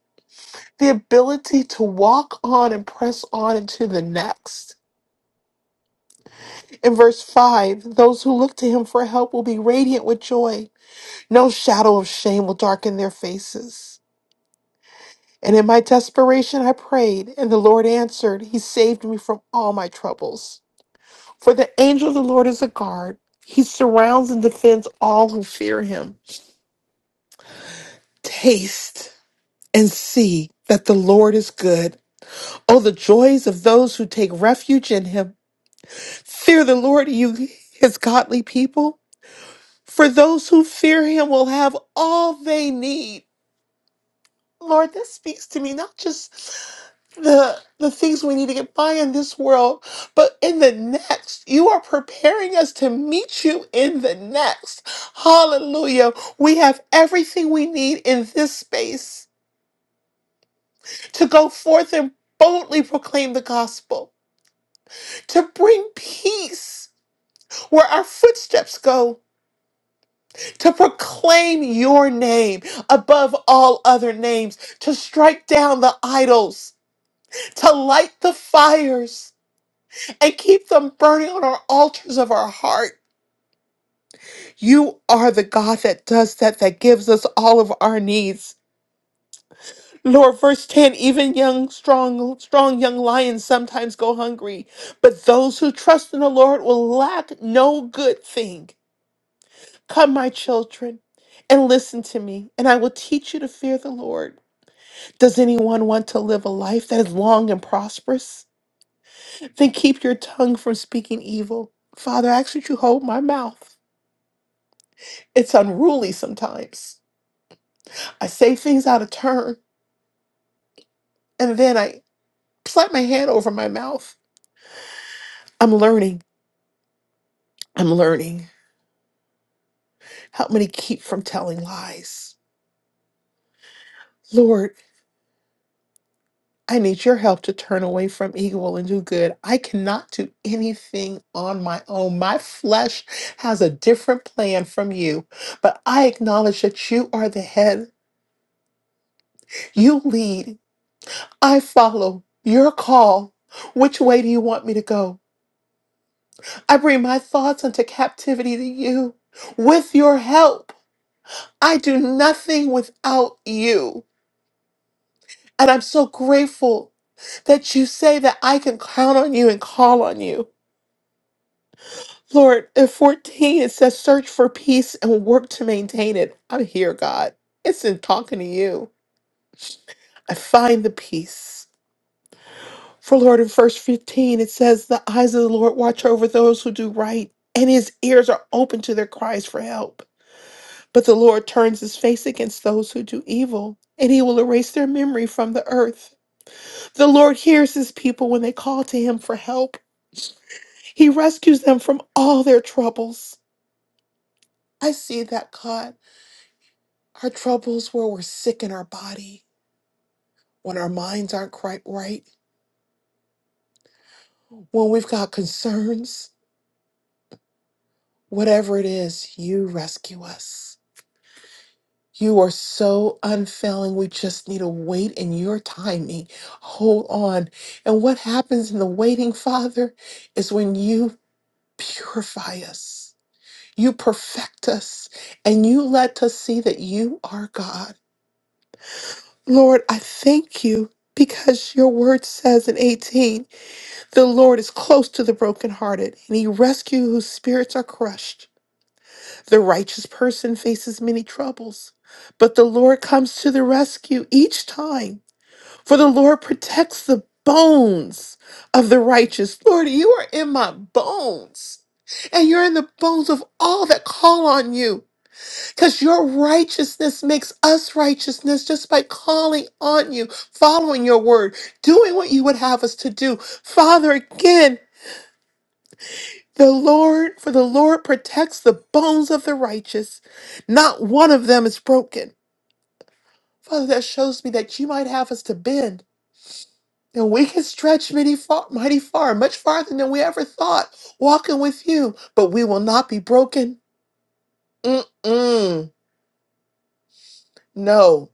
the ability to walk on and press on into the next. In verse 5, those who look to him for help will be radiant with joy. No shadow of shame will darken their faces. And in my desperation, I prayed, and the Lord answered. He saved me from all my troubles. For the angel of the Lord is a guard, he surrounds and defends all who fear him. Taste. and see that the Lord is good. Oh, the joys of those who take refuge in him. Fear the Lord, you his godly people. For those who fear him will have all they need. Lord, that speaks to me, not just the the things we need to get by in this world, but in the next. You are preparing us to meet you in the next. Hallelujah. We have everything we need in this space to go forth and boldly proclaim the gospel to bring peace where our footsteps go, to proclaim your name above all other names, to strike down the idols, to light the fires, and keep them burning on our altars of our heart. You are the God that does that, that gives us all of our needs. Lord, verse 10, even young, strong, strong young lions sometimes go hungry, but those who trust in the Lord will lack no good thing. Come, my children, and listen to me, and I will teach you to fear the Lord. Does anyone want to live a life that is long and prosperous? Then keep your tongue from speaking evil. Father, I ask that you hold my mouth. It's unruly sometimes. I say things out of turn, and then I slap my hand over my mouth. I'm learning. I'm learning. Help me to keep from telling lies. Lord, I need your help to turn away from evil and do good. I cannot do anything on my own. My flesh has a different plan from you, but I acknowledge that you are the head. You lead. I follow your call. Which way do you want me to go? I bring my thoughts into captivity to you. With your help, I do nothing without you. And I'm so grateful that you say that I can count on you and call on you. Lord, in 14, it says, search for peace and work to maintain it. I'm here, God. It's in talking to you. I find the peace. For Lord, in verse 15, it says, the eyes of the Lord watch over those who do right, and his ears are open to their cries for help. But the Lord turns his face against those who do evil, and he will erase their memory from the earth. The Lord hears his people when they call to him for help. He rescues them from all their troubles. I see that, God. Our troubles where we're sick in our body, when our minds aren't quite right, when we've got concerns, whatever it is, you rescue us. You are so unfailing. We just need to wait in your timing. Hold on. And what happens in the waiting, Father, is when you purify us, you perfect us, and you let us see that you are God. Lord, I thank you because your word says in 18. The Lord is close to the brokenhearted, and he rescues whose spirits are crushed. The righteous person faces many troubles, but the Lord comes to the rescue each time. For the Lord protects the bones of the righteous. Lord, you are in my bones, and you're in the bones of all that call on you, because your righteousness makes us righteousness just by calling on you, following your word, doing what you would have us to do. Father, again, The Lord, for the Lord protects the bones of the righteous. Not one of them is broken. Father, that shows me that you might have us to bend. And we can stretch mighty far, mighty far, much farther than we ever thought, walking with you, but we will not be broken. Mm-mm. No,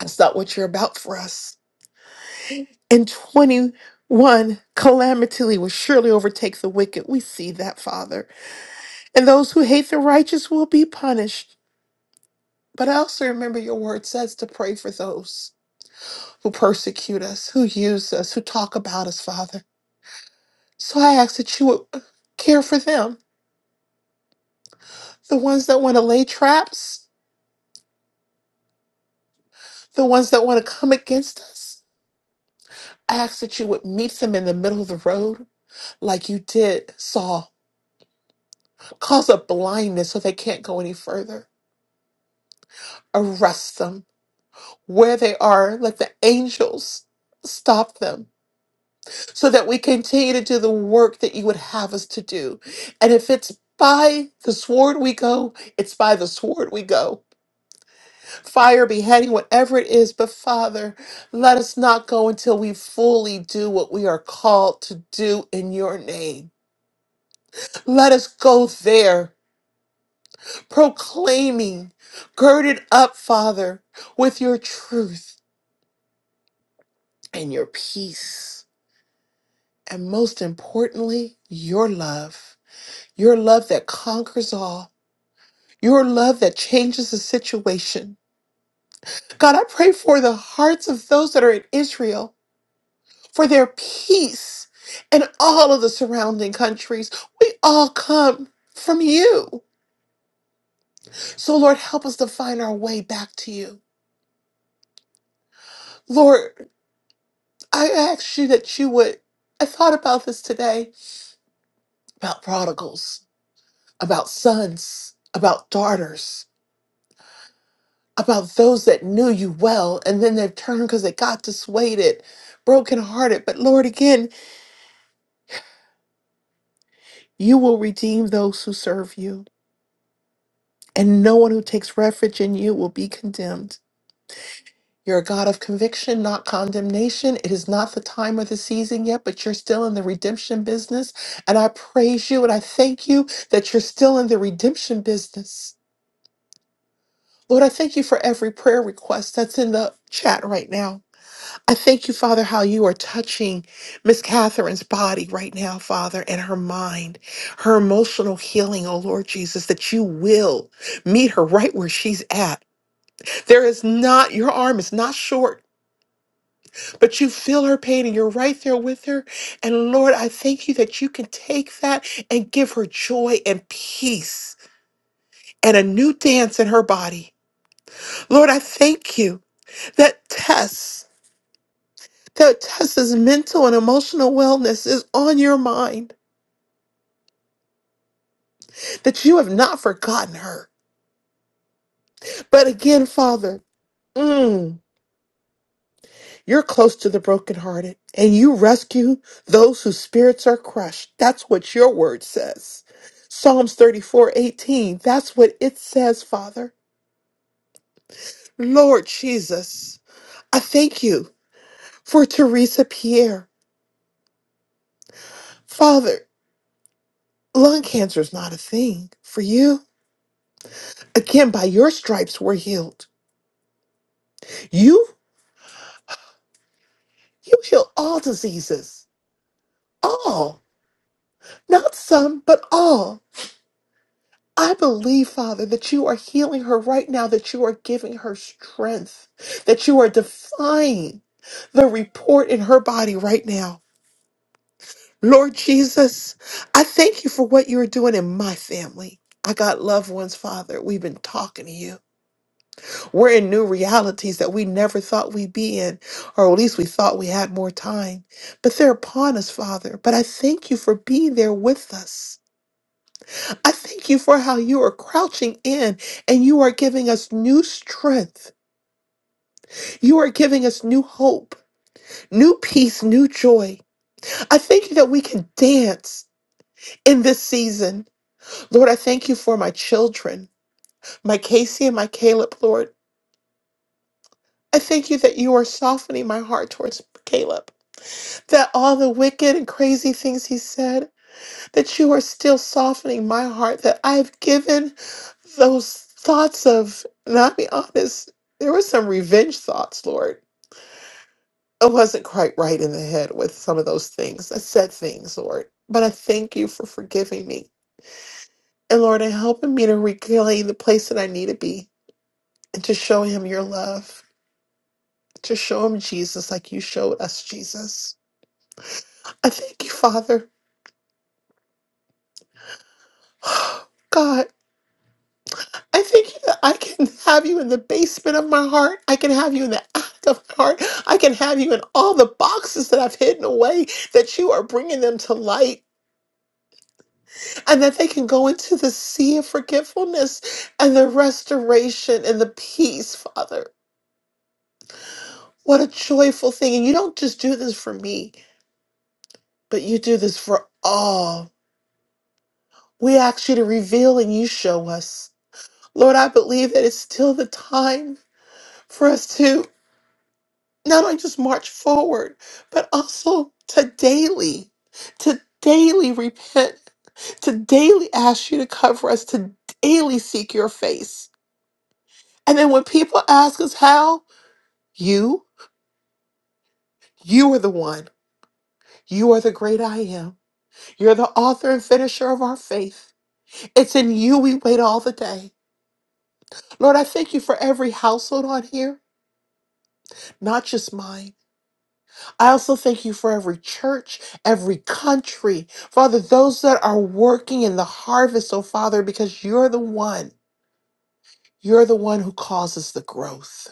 that's not what you're about for us. In 21, calamity will surely overtake the wicked. We see that, Father. And those who hate the righteous will be punished. But I also remember your word says to pray for those who persecute us, who use us, who talk about us, Father. So I ask that you would care for them, the ones that want to lay traps, the ones that want to come against us. I ask that you would meet them in the middle of the road like you did Saul, cause a blindness so they can't go any further. Arrest them where they are, let the angels stop them so that we continue to do the work that you would have us to do. And if it's by the sword we go, it's by the sword we go. Fire, beheading, whatever it is, but Father, let us not go until we fully do what we are called to do in your name. Let us go there, proclaiming, girded up, Father, with your truth and your peace. And most importantly, your love, your love that conquers all your love that changes the situation. God, I pray for the hearts of those that are in Israel, for their peace and all of the surrounding countries. We all come from you. So, Lord, help us to find our way back to you. Lord, I ask you that you would. I thought about this today about prodigals, about sons, about daughters, about those that knew you well and then they've turned because they got dissuaded, brokenhearted. But Lord, again, You will redeem those who serve you, and no one who takes refuge in you will be condemned. You're a God of conviction, not condemnation. It is not the time or the season yet, but you're still in the redemption business. And I praise you and I thank you that you're still in the redemption business. Lord, I thank you for every prayer request that's in the chat right now. I thank you, Father, how you are touching Miss Catherine's body right now, Father, and her mind, her emotional healing, oh Lord Jesus, that you will meet her right where she's at. There is not, your arm is not short, but you feel her pain and you're right there with her. And Lord, I thank you that you can take that and give her joy and peace and a new dance in her body. Lord, I thank you that Tess. that Tessa's mental and emotional wellness is on your mind, that you have not forgotten her. But again, Father, mm, you're close to the brokenhearted and you rescue those whose spirits are crushed. That's what your word says. Psalms 34:18. that's what it says, Father. Lord Jesus, I thank you for Teresa Pierre. Father, lung cancer is not a thing for you. Again, by your stripes we're healed. You You heal all diseases, all, not some, but all. I believe, Father, that you are healing her right now, that you are giving her strength, that you are defying the report in her body right now. Lord Jesus, I thank you for what you are doing in my family. I got loved ones, Father. We've been talking to you. We're in new realities that we never thought we'd be in, or at least we thought we had more time. But they're upon us, Father. But I thank you for being there with us. I thank you for how you are crouching in and you are giving us new strength. You are giving us new hope, new peace, new joy. I thank you that we can dance in this season. Lord, I thank you for my children, my Casey and my Caleb, Lord. I thank you that you are softening my heart towards Caleb. that all the wicked and crazy things he said, that you are still softening my heart, that I've given those thoughts of, and I'll be honest, there were some revenge thoughts, Lord. I wasn't quite right in the head with some of those things. I said things, Lord, but I thank you for forgiving me. And Lord, and helping me to reclaim the place that I need to be and to show him your love, to show him Jesus like you showed us Jesus. I thank you, Father. God. I think I can have you in the basement of my heart. I can have you in the attic of my heart. I can have you in all the boxes that I've hidden away, that you are bringing them to light and that they can go into the sea of forgetfulness and the restoration and the peace, Father. What a joyful thing. And you don't just do this for me, but you do this for all. We ask you to reveal and you show us. Lord, I believe that it's still the time for us to. not only just march forward, but also to daily, to daily repent, to daily ask you to cover us, to daily seek your face. And then when people ask us how, you, you are the one. You are the great I am. You're the author and finisher of our faith. It's in you we wait all the day. Lord, I thank you for every household on here, not just mine. I also thank you for every church, every country. Father, those that are working in the harvest, oh Father, because you're the one. You're the one who causes the growth.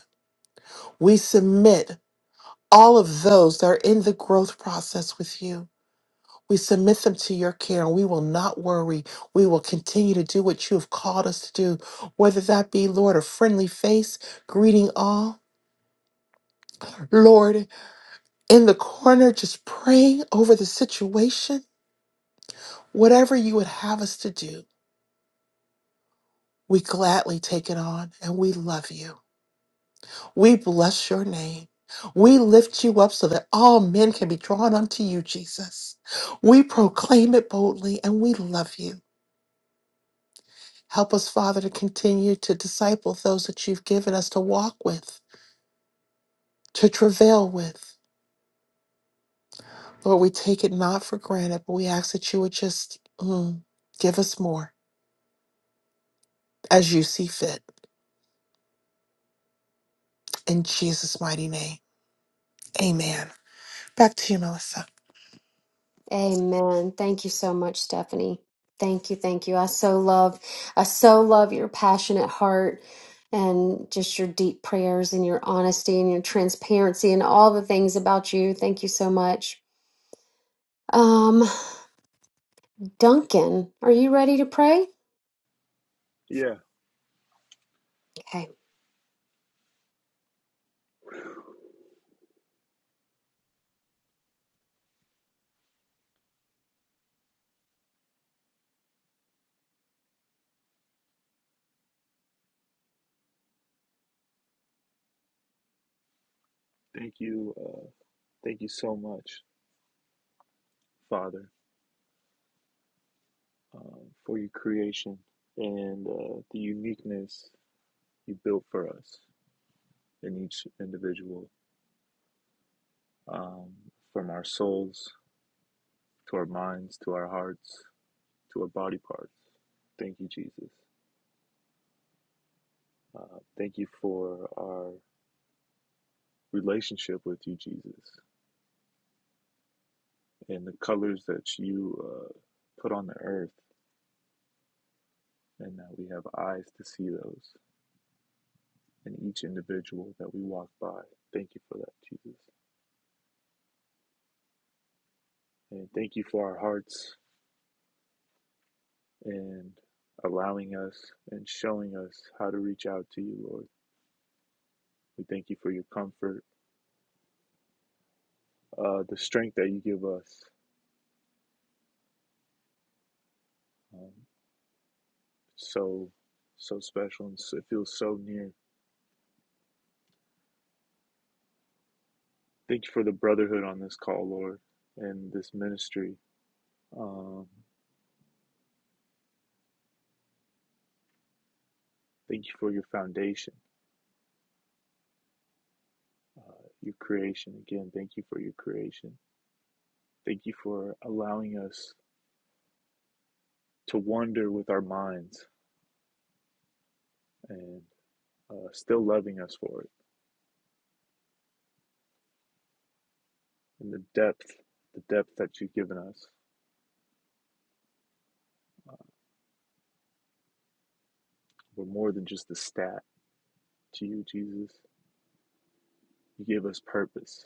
We submit all of those that are in the growth process with you. We submit them to your care and we will not worry. We will continue to do what you have called us to do, whether that be, Lord, a friendly face, greeting all, Lord, in the corner, just praying over the situation. Whatever you would have us to do, we gladly take it on and we love you. We bless your name. We lift you up so that all men can be drawn unto you, Jesus. We proclaim it boldly and we love you. Help us, Father, to continue to disciple those that you've given us to walk with, to travail with. Lord, we take it not for granted, but we ask that you would just mm, give us more as you see fit. In Jesus' mighty name, amen. Back to you, Melissa. Amen. Thank you so much, Stephanie. Thank you, thank you. I so love, I so love your passionate heart and just your deep prayers and your honesty and your transparency and all the things about you. Thank you so much. Um, Duncan, are you ready to pray? Yeah. Okay. Thank you. Uh, thank you so much, Father, uh, for your creation and uh, the uniqueness you built for us in each individual, um, from our souls to our minds to our hearts to our body parts. Thank you, Jesus. Uh, thank you for our relationship with you, Jesus, and the colors that you uh, put on the earth, and that we have eyes to see those. and each individual that we walk by. Thank you for that, Jesus. And thank you for our hearts and allowing us and showing us how to reach out to you, Lord. We thank you for your comfort, uh, the strength that you give us. Um, so, so special and so, it feels so near. Thank you for the brotherhood on this call, Lord, and this ministry. Um, thank you for your foundation, uh, your creation. Again, thank you for your creation. Thank you for allowing us to wander with our minds and uh, still loving us for it. And the depth, the depth that you've given us, we're more than just a stat to you, Jesus. You give us purpose.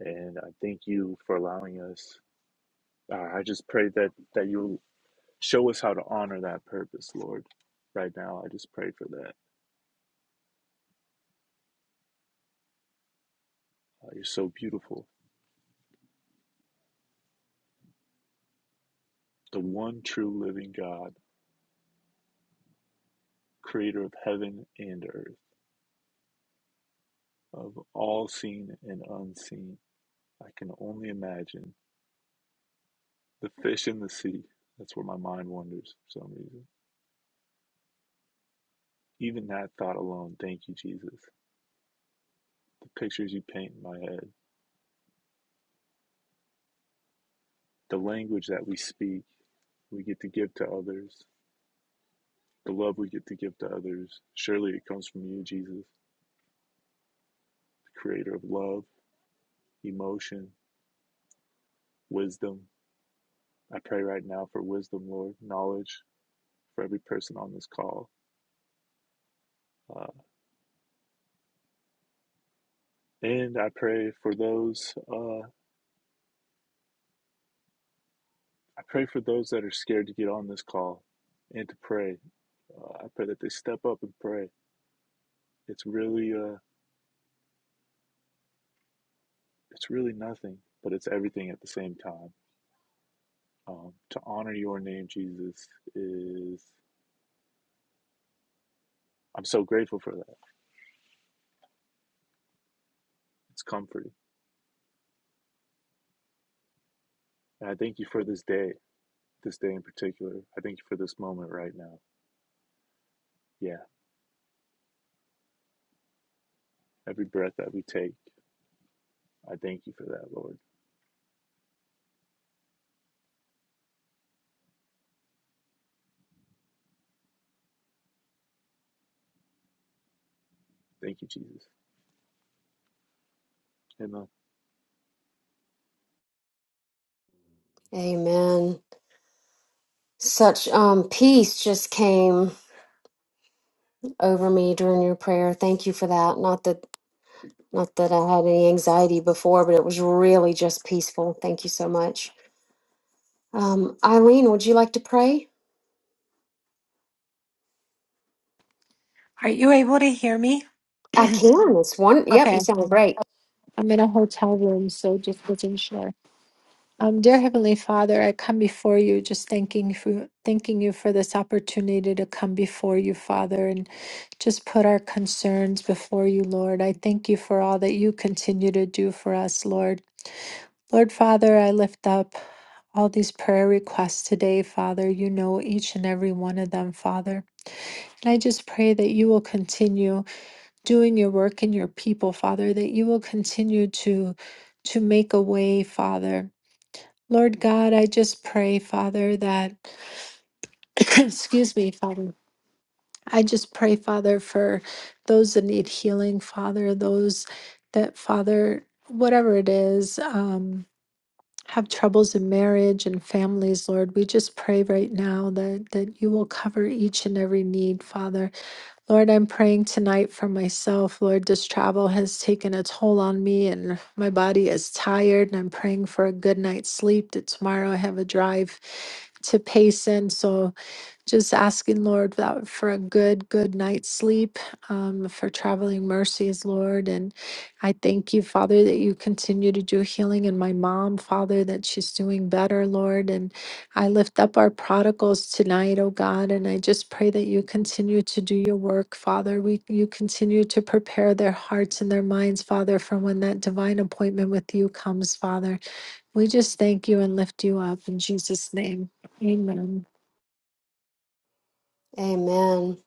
And I thank you for allowing us. Uh, I just pray that, that you'll show us how to honor that purpose, Lord. Right now, I just pray for that. Uh, you're so beautiful. The one true living God, creator of heaven and earth, of all seen and unseen. I can only imagine The fish in the sea. That's where my mind wanders for some reason. Even that thought alone, thank you, Jesus. The pictures you paint in my head, the language that we speak, we get to give to others, the love we get to give to others. Surely it comes from you, Jesus, the creator of love, emotion, wisdom. I pray right now for wisdom, Lord, knowledge for every person on this call. Uh, and I pray for those, uh, I pray for those that are scared to get on this call and to pray Uh, I pray that they step up and pray. It's really, uh, it's really nothing, but it's everything at the same time. Um, to honor your name, Jesus, is I'm so grateful for that. It's comforting, and I thank you for this day, this day in particular. I thank you for this moment right now. Yeah, every breath that we take, I thank you for that, Lord. Thank you, Jesus. Amen. Amen. Such um peace just came over me during your prayer. Thank you for that. Not that Not that I had any anxiety before, but it was really just peaceful. Thank you so much. Um, Eileen, would you like to pray? Are you able to hear me? I can. It's one. Yep, you Okay, sound great. I'm in a hotel room, so just wasn't sure. Um, dear Heavenly Father, I come before you, just thanking for thanking you for this opportunity to come before you, Father, and just put our concerns before you, Lord. I thank you for all that you continue to do for us, Lord. Lord Father, I lift up all these prayer requests today, Father. You know each and every one of them, Father. And I just pray that you will continue. doing your work in your people, Father, that you will continue to to make a way, Father. Lord God, I just pray, Father, that excuse me, Father. I just pray, Father, for those that need healing, Father, those that, Father, whatever it is, um, have troubles in marriage and families, Lord. We just pray right now that that you will cover each and every need, Father Lord, I'm praying tonight for myself. Lord, this travel has taken a toll on me and my body is tired, and I'm praying for a good night's sleep that tomorrow I have a drive to Payson. So, just asking, Lord, that for a good, good night's sleep, um, for traveling mercies, Lord. And I thank you, Father, that you continue to do healing in my mom, Father, that she's doing better, Lord. And I lift up our prodigals tonight, oh God, and I just pray that you continue to do your work, Father. We you continue to prepare their hearts and their minds, Father, for when that divine appointment with you comes, Father. We just thank you and lift you up in Jesus' name. Amen. Amen.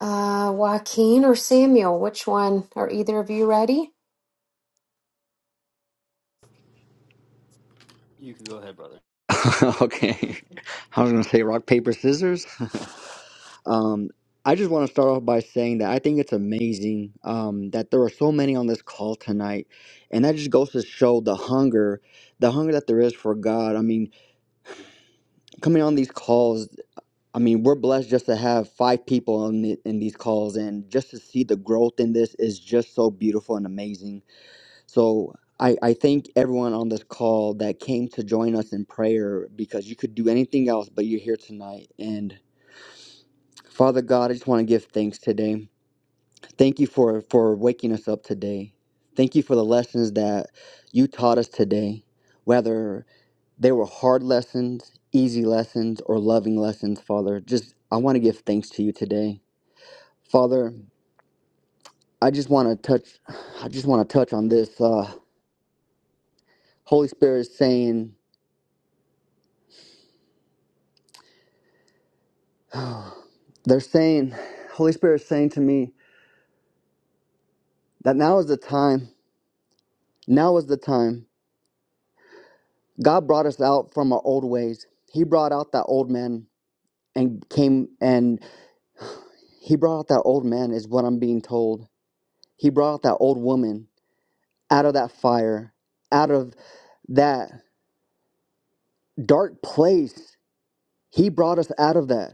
Uh, Joaquin or Samuel, which one? Are either of you ready? You can go ahead, brother. okay. I was going to say rock, paper, scissors. um, I just want to start off by saying that I think it's amazing um, that there are so many on this call tonight. And that just goes to show the hunger, the hunger that there is for God. I mean, coming on these calls, I mean, we're blessed just to have five people on the, in these calls. And just to see the growth in this is just so beautiful and amazing. So I, I thank everyone on this call that came to join us in prayer because you could do anything else, but you're here tonight. And Father God, I just want to give thanks today. Thank you for, for waking us up today. Thank you for the lessons that you taught us today, whether they were hard lessons, easy lessons, or loving lessons, Father. Just I want to give thanks to you today. Father, I just want to touch I just want to touch on this uh Holy Spirit saying Oh, They're saying, Holy Spirit is saying to me that now is the time. Now is the time. God brought us out from our old ways. He brought out that old man and came and he brought out that old man, is what I'm being told. He brought out that old woman out of that fire, out of that dark place. He brought us out of that.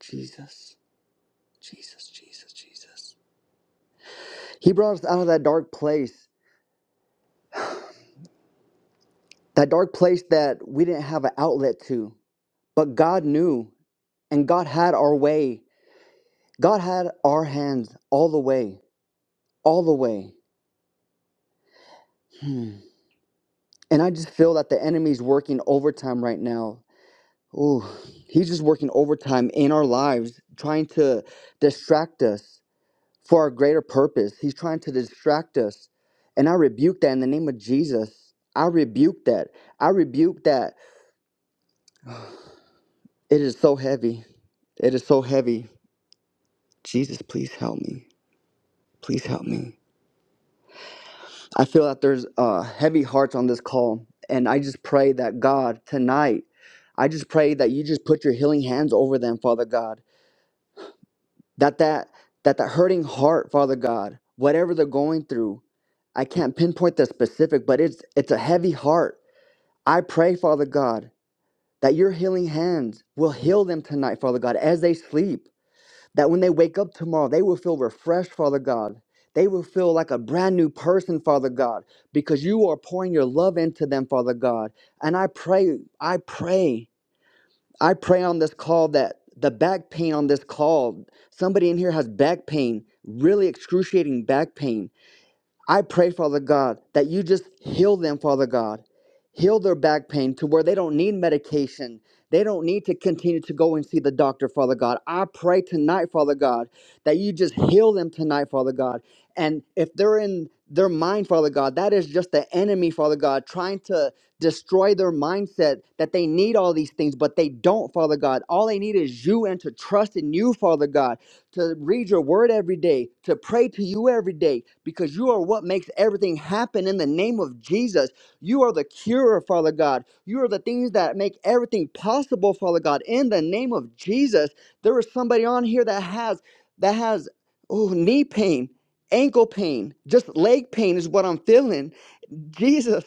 Jesus, Jesus, Jesus, Jesus. He brought us out of that dark place, that dark place that we didn't have an outlet to. But God knew, and God had our way. God had our hands all the way, all the way. Hmm. And I just feel that the enemy's working overtime right now. Ooh, he's just working overtime in our lives, trying to distract us for our greater purpose. He's trying to distract us. And I rebuke that in the name of Jesus. I rebuke that. I rebuke that. It is so heavy. It is so heavy. Jesus, please help me. Please help me. I feel that there's uh, heavy hearts on this call, and I just pray that God tonight, I just pray that you just put your healing hands over them, Father God. That that that that hurting heart, Father God, whatever they're going through, I can't pinpoint the specific, but it's it's a heavy heart. I pray, Father God, that your healing hands will heal them tonight, Father God, as they sleep that when they wake up tomorrow, they will feel refreshed, Father God. They will feel like a brand new person, Father God, because you are pouring your love into them, Father God. And I pray, I pray, I pray on this call that the back pain on this call, somebody in here has back pain, really excruciating back pain I pray, Father God, that you just heal them, Father God. Heal their back pain to where they don't need medication. They don't need to continue to go and see the doctor, Father God. I pray tonight, Father God, that you just heal them tonight, Father God. And if they're in their mind, Father God, that is just the enemy, Father God, trying to destroy their mindset that they need all these things, but they don't, Father God. All they need is you and to trust in you, Father God to read your word every day, to pray to you every day, because you are what makes everything happen in the name of Jesus. You are the cure, Father God. You are the things that make everything possible, Father God, in the name of Jesus. There is somebody on here that has that has oh knee pain, ankle pain, just leg pain is what I'm feeling. Jesus,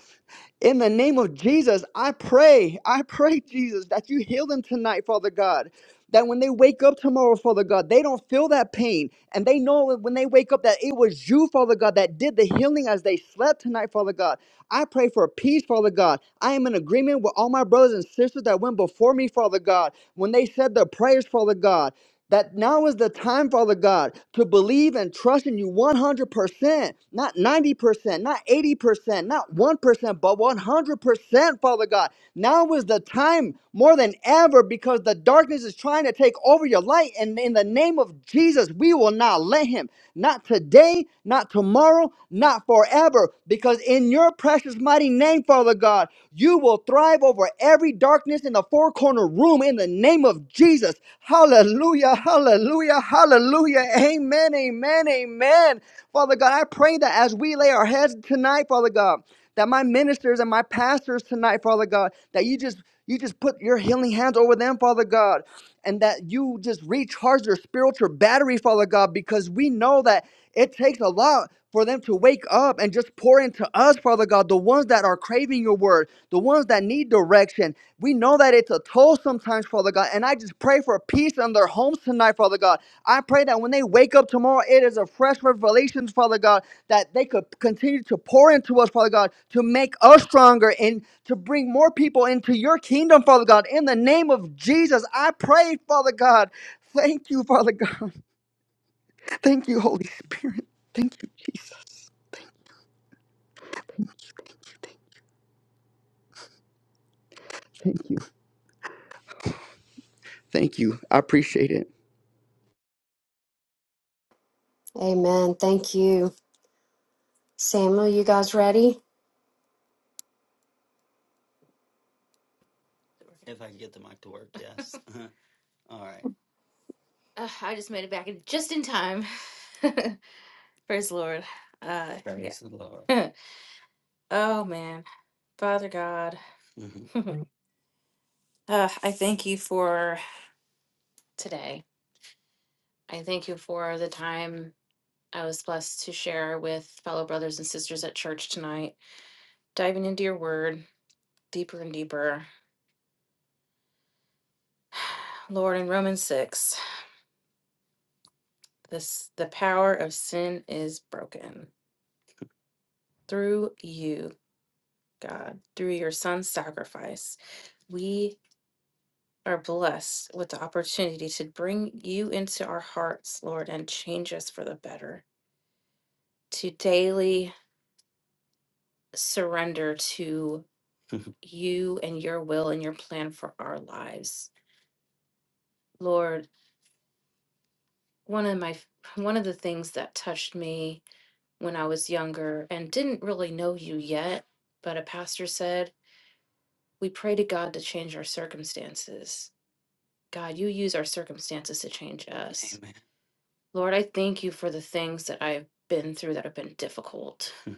in the name of Jesus, I pray, I pray, Jesus, that you heal them tonight, Father God. That when they wake up tomorrow, Father God, they don't feel that pain. And they know that when they wake up that it was you, Father God, that did the healing as they slept tonight, Father God. I pray for peace, Father God. I am in agreement with all my brothers and sisters that went before me, Father God, when they said their prayers, Father God. That now is the time, Father God, to believe and trust in you 100%, not 90%, not 80%, not 1%, but 100%, Father God. Now is the time more than ever because the darkness is trying to take over your light. And in the name of Jesus, we will not let him. Not today, not tomorrow, not not forever, because in your precious mighty name, Father God, you will thrive over every darkness in the four corner room in the name of Jesus. Hallelujah, hallelujah, hallelujah. Amen, amen, amen. Father God, I pray that as we lay our heads tonight, Father God, that my ministers and my pastors tonight, Father God, that you just you just put your healing hands over them, Father God, and that you just recharge their spiritual battery, Father God, because we know that it takes a lot for them to wake up and just pour into us, Father God, the ones that are craving your word, the ones that need direction. We know that it's a toll sometimes, Father God, and I just pray for peace in their homes tonight, Father God. I pray that when they wake up tomorrow, it is a fresh revelation, Father God, that they could continue to pour into us, Father God, to make us stronger and to bring more people into your kingdom, Father God. In the name of Jesus, I pray, Father God. Thank you, Father God. Thank you, Holy Spirit. Thank you, Jesus. Thank you. Thank you. I appreciate it. Amen. Thank you. Samuel, you guys ready? If I can get the mic to work, yes. All right. Ugh, I just made it back in just in time. Praise the Lord. Uh, Praise the Lord. yeah. oh man, Father God, hmm uh, I thank you for today. I thank you for the time I was blessed to share with fellow brothers and sisters at church tonight, diving into your Word deeper and deeper. Lord, in Romans six, this the power of sin is broken. through you, God, through your son's sacrifice, we are blessed with the opportunity to bring you into our hearts, Lord, and change us for the better, to daily surrender to you and your will and your plan for our lives. Lord, one of my one of the things that touched me when I was younger and didn't really know you yet, but a pastor said, we pray to God to change our circumstances. God, you use our circumstances to change us. Amen. Lord, I thank you for the things that I've been through that have been difficult.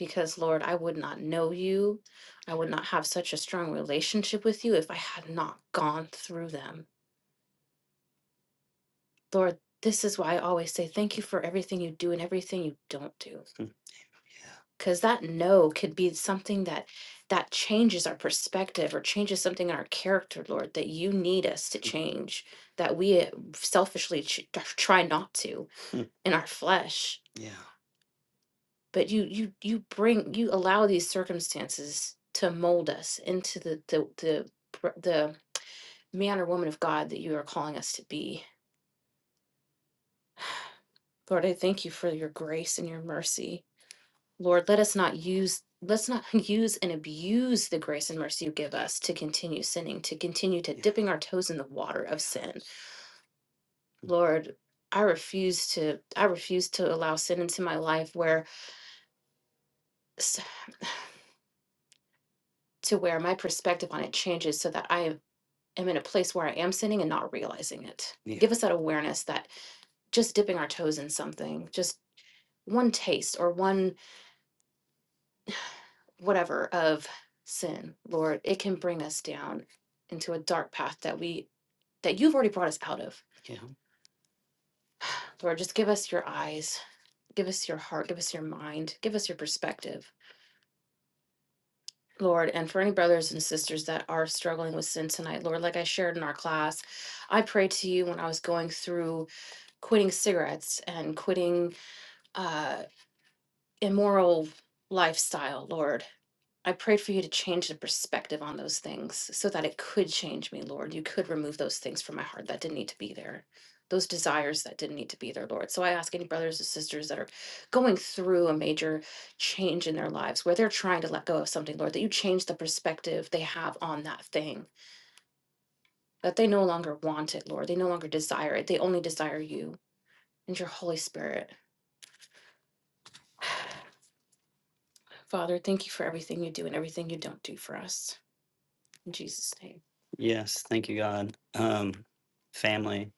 Because, Lord, I would not know you. I would not have such a strong relationship with you if I had not gone through them. Lord, this is why I always say thank you for everything you do and everything you don't do. because that no could be something that that changes our perspective or changes something in our character lord that you need us to change that we uh, selfishly ch- try not to Mm. in our flesh yeah. but you you you bring you allow these circumstances to mold us into the the the, pr- the man or woman of god that you are calling us to be lord i thank you for your grace and your mercy Lord, let us not use let's not use and abuse the grace and mercy you give us to continue sinning, to continue to Yeah. dipping our toes in the water of sin. Yes. Mm. Lord, I refuse to I refuse to allow sin into my life where s- to where my perspective on it changes so that I am in a place where I am sinning and not realizing it. Yeah. Give us that awareness that just dipping our toes in something, just one taste or one whatever of sin, Lord, it can bring us down into a dark path that we that you've already brought us out of. Yeah. Lord, just give us your eyes, give us your heart, give us your mind, give us your perspective. Lord, and for any brothers and sisters that are struggling with sin tonight, Lord, like I shared in our class, I prayed to you when I was going through quitting cigarettes and quitting uh, immoral lifestyle, Lord. I prayed for you to change the perspective on those things so that it could change me, Lord. You could remove those things from my heart that didn't need to be there, those desires that didn't need to be there, Lord. So I ask any brothers and sisters that are going through a major change in their lives where they're trying to let go of something, Lord, that you change the perspective they have on that thing, that they no longer want it, Lord. They no longer desire it. They only desire you and your Holy Spirit. Father, thank you for everything you do and everything you don't do for us. In Jesus' name. Yes, thank you, God. Um, family,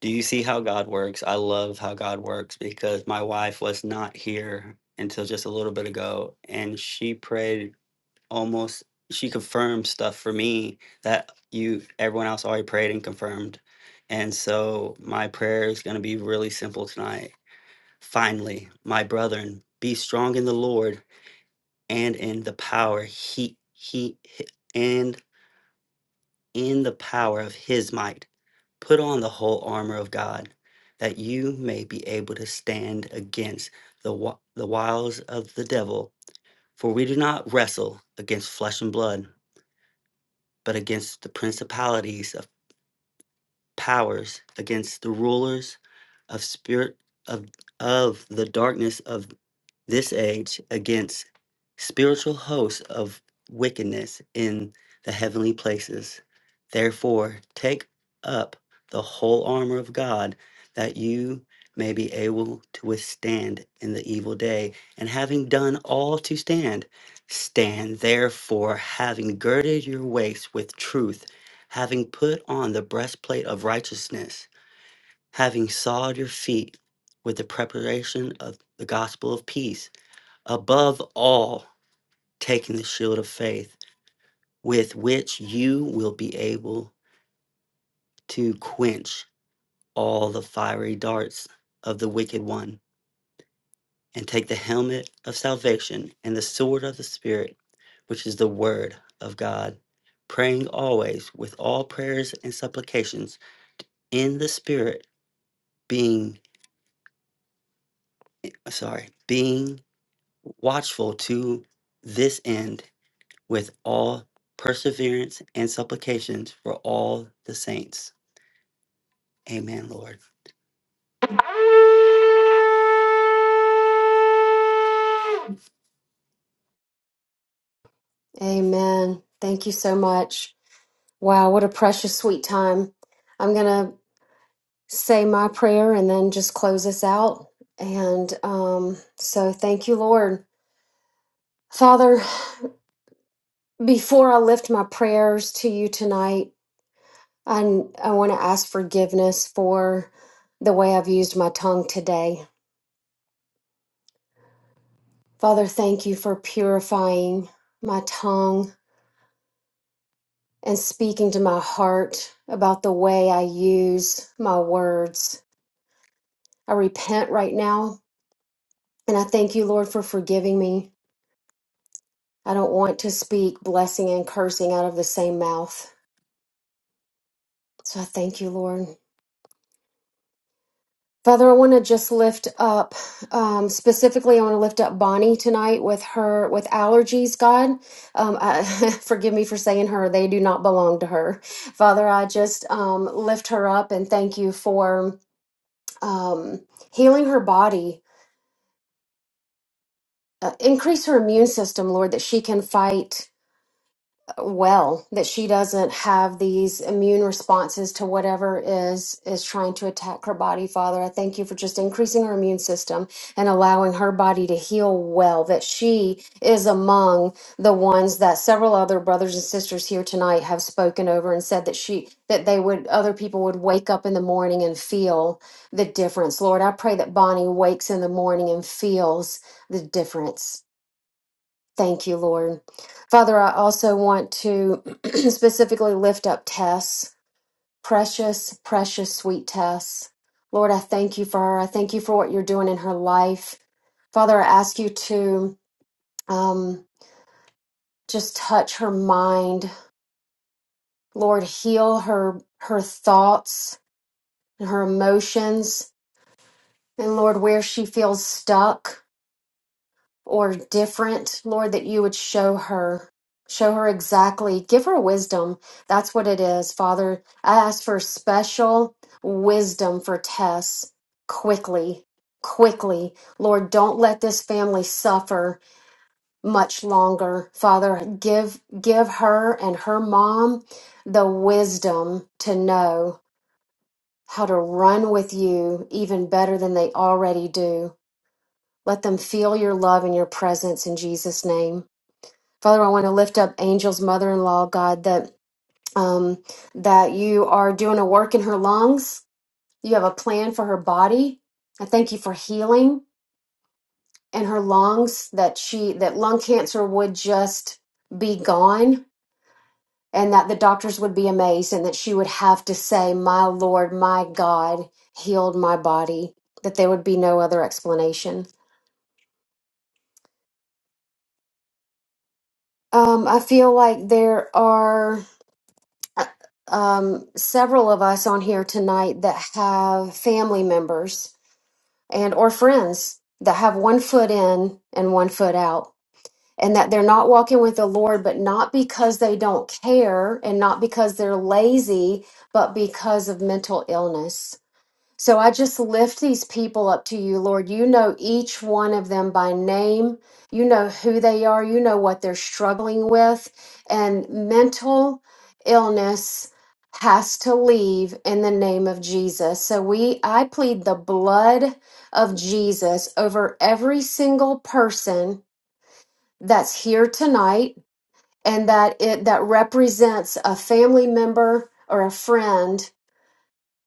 do you see how God works? I love how God works because my wife was not here until just a little bit ago, and she prayed almost. She confirmed stuff for me that you, everyone else, already prayed and confirmed. And so my prayer is going to be really simple tonight. Finally, my brethren, be strong in the Lord and in the power he he, he and in the power of his might. Put on the whole armor of God, that you may be able to stand against the, wi- the wiles of the devil. For we do not wrestle against flesh and blood, but against the principalities of powers, against the rulers of spirit of of the darkness of this age, against spiritual hosts of wickedness in the heavenly places. Therefore, take up the whole armor of God that you may be able to withstand in the evil day, and having done all to stand, stand therefore, having girded your waist with truth having put on the breastplate of righteousness, having sawed your feet with the preparation of the gospel of peace, above all, taking the shield of faith, with which you will be able to quench all the fiery darts of the wicked one, and take the helmet of salvation and the sword of the Spirit, which is the word of God, praying always with all prayers and supplications in the Spirit being sorry, being watchful to this end with all perseverance and supplications for all the saints. Amen, Lord. Amen. Thank you so much. Wow, what a precious, sweet time. I'm going to say my prayer and then just close us out. And um, so, thank you, Lord. Father, before I lift my prayers to you tonight, I, I want to ask forgiveness for the way I've used my tongue today. Father, thank you for purifying my tongue and speaking to my heart about the way I use my words. I repent right now, and I thank you, Lord, for forgiving me. I don't want to speak blessing and cursing out of the same mouth. So I thank you, Lord. Father, I want to just lift up, um, specifically, I want to lift up Bonnie tonight with her, with allergies, God. Um, I, forgive me for saying her, they do not belong to her. Father, I just um, lift her up and thank you for um, healing her body. Uh, increase her immune system, Lord, that she can fight well that she doesn't have these immune responses to whatever is is trying to attack her body father i thank you for just increasing her immune system and allowing her body to heal well that she is among the ones that several other brothers and sisters here tonight have spoken over and said that she that they would other people would wake up in the morning and feel the difference lord i pray that bonnie wakes in the morning and feels the difference Thank you, Lord. Father, I also want to specifically lift up Tess, precious, precious, sweet Tess. Lord, I thank you for her. I thank you for what you're doing in her life. Father, I ask you to um, just touch her mind. Lord, heal her her thoughts and her emotions. And Lord, where she feels stuck, or different, Lord, that you would show her. Show her exactly, give her wisdom. That's what it is, Father. I ask for special wisdom for Tess quickly, quickly. Lord, don't let this family suffer much longer. Father, give give her and her mom the wisdom to know how to run with you even better than they already do. Let them feel your love and your presence in Jesus' name. Father, I want to lift up Angel's mother-in-law, God, that um, that you are doing a work in her lungs. You have a plan for her body. I thank you for healing in her lungs. That she that lung cancer would just be gone, and that the doctors would be amazed, and that she would have to say, "My Lord, my God, healed my body." That there would be no other explanation. Um, I feel like there are. uh, um, several of us on here tonight that have family members and or friends that have one foot in and one foot out and that they're not walking with the lord but not because they don't care and not because they're lazy but because of mental illness so I just lift these people up to you, Lord. You know each one of them by name. You know who they are. You know what they're struggling with. And mental illness has to leave in the name of Jesus. So we I plead the blood of Jesus over every single person that's here tonight and that it that represents a family member or a friend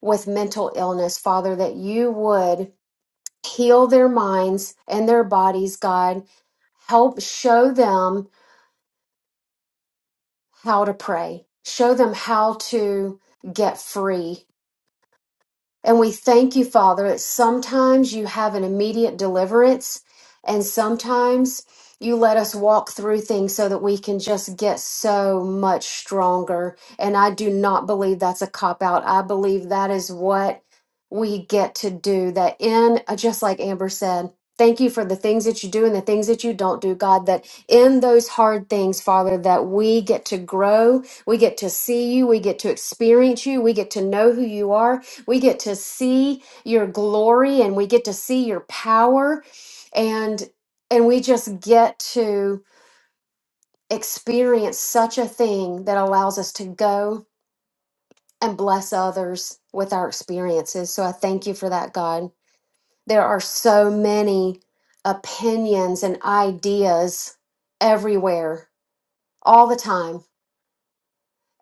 with mental illness, Father, that you would heal their minds and their bodies, God. Help show them how to pray, show them how to get free And we thank you, Father, that sometimes you have an immediate deliverance, and sometimes you let us walk through things so that we can just get so much stronger. And I do not believe that's a cop out. I believe that is what we get to do. That in, uh, just like Amber said, thank you for the things that you do and the things that you don't do, God, that in those hard things, Father, that we get to grow, we get to see you, we get to experience you, we get to know who you are, we get to see your glory and we get to see your power and and we just get to experience such a thing that allows us to go and bless others with our experiences. So I thank you for that, God. There are so many opinions and ideas everywhere all the time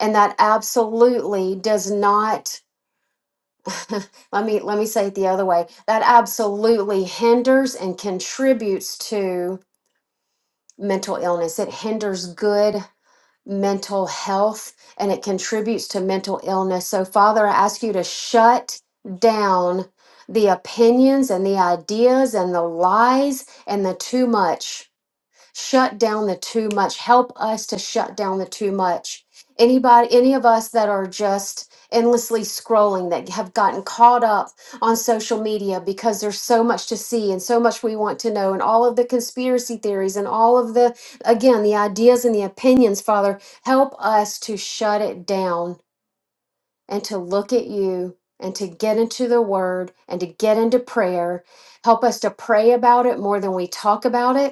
and that absolutely does not let me let me say it the other way that absolutely hinders and contributes to mental illness it hinders good mental health and it contributes to mental illness so father i ask you to shut down the opinions and the ideas and the lies and the too much shut down the too much help us to shut down the too much anybody any of us that are just endlessly scrolling that have gotten caught up on social media because there's so much to see and so much we want to know and all of the conspiracy theories and all of the again the ideas and the opinions father help us to shut it down and to look at you and to get into the word and to get into prayer help us to pray about it more than we talk about it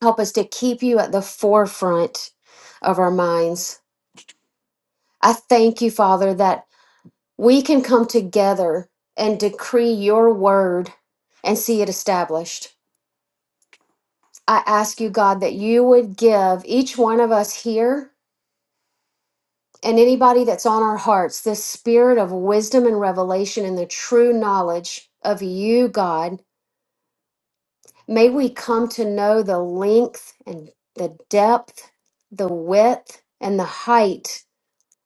Help us to keep you at the forefront of our minds. I thank you, Father, that we can come together and decree your word and see it established. I ask you, God, that you would give each one of us here and anybody that's on our hearts this spirit of wisdom and revelation and the true knowledge of you, God. May we come to know the length and the depth, the width and the height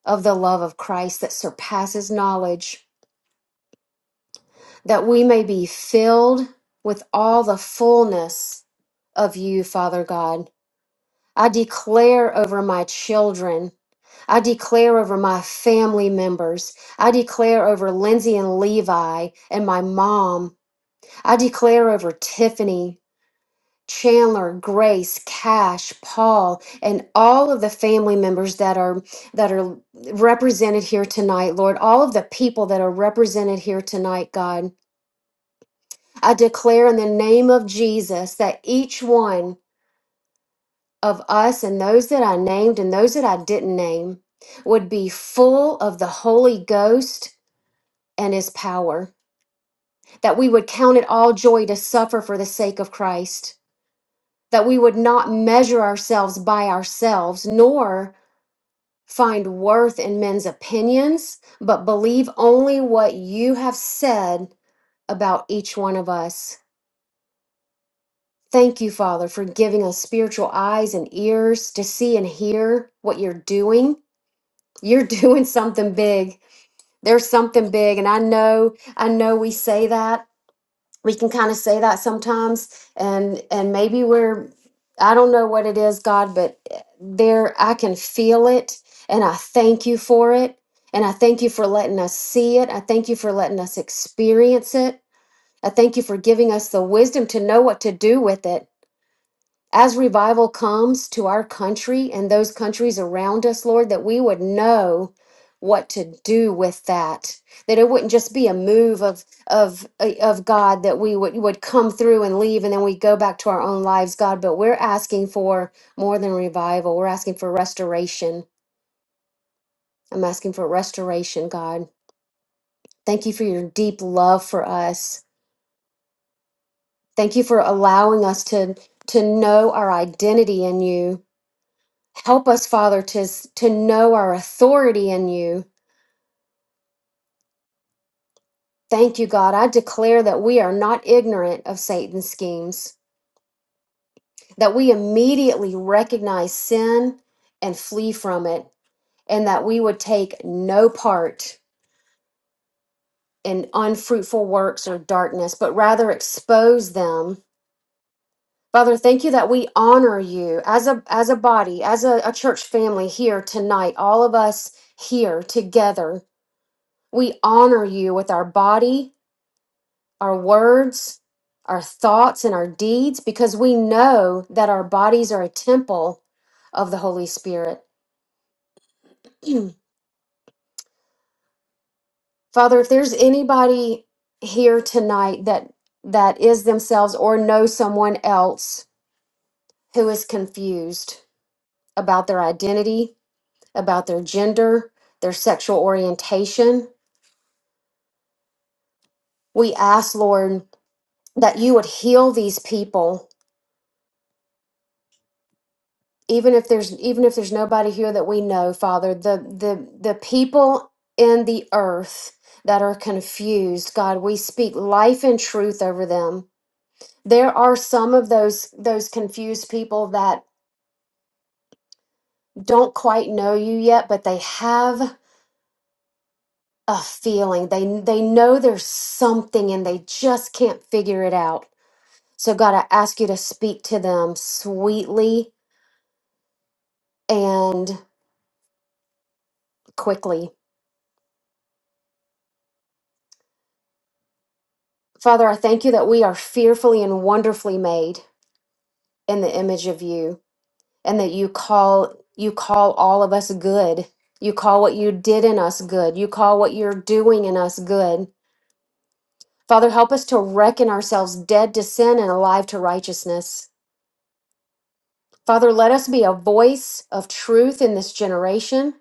of the love of Christ that surpasses knowledge, that we may be filled with all the fullness of you, Father God. I declare over my children. I declare over my family members. I declare over Lindsay and Levi and my mom. I declare over Tiffany Chandler, Grace, Cash, Paul, and all of the family members that are that are represented here tonight, Lord, all of the people that are represented here tonight, God. I declare in the name of Jesus that each one of us and those that I named and those that I didn't name would be full of the Holy Ghost and his power, that we would count it all joy to suffer for the sake of Christ that we would not measure ourselves by ourselves, nor Find worth in men's opinions, but believe only what you have said about each one of us. Thank you, Father, for giving us spiritual eyes and ears to see and hear what you're doing. You're doing something big. There's something big. And I know, I know we say that. we can kind of say that sometimes and and maybe we're i don't know what it is god but eh, there i can feel it and i thank you for it and i thank you for letting us see it i thank you for letting us experience it i thank you for giving us the wisdom to know what to do with it as revival comes to our country and those countries around us, Lord, that we would know what to do with that. That it wouldn't just be a move of of uh, of God that we would would come through and leave and then we go back to our own lives, God. But we're asking for more than revival. We're asking for restoration. I'm asking for restoration, God. Thank you for your deep love for us. Thank you for allowing us to to know our identity in you Help us, Father, to, s- to know our authority in you. Thank you, God. I declare that we are not ignorant of Satan's schemes, that we immediately recognize sin and flee from it, and that we would take no part in unfruitful works or darkness, but rather expose them. Father, thank you that we honor you as a as a body, as a, a church family here tonight, all of us here together. We honor you with our body, our words, our thoughts, and our deeds because we know that our bodies are a temple of the Holy Spirit. Father, if there's anybody here tonight that that is themselves or knows someone else who is confused about their identity, about their gender, their sexual orientation, we ask, Lord, that you would heal these people even if there's even if there's nobody here that we know father the the the people in the earth that are confused god we speak life and truth over them there are some of those those confused people that don't quite know you yet but they have a feeling they they know there's something and they just can't figure it out so god i ask you to speak to them sweetly and quickly Father, I thank you that we are fearfully and wonderfully made in the image of you and that you call you call all of us good. You call what you did in us good. You call what you're doing in us good. Father, help us to reckon ourselves dead to sin and alive to righteousness. Father, let us be a voice of truth in this generation.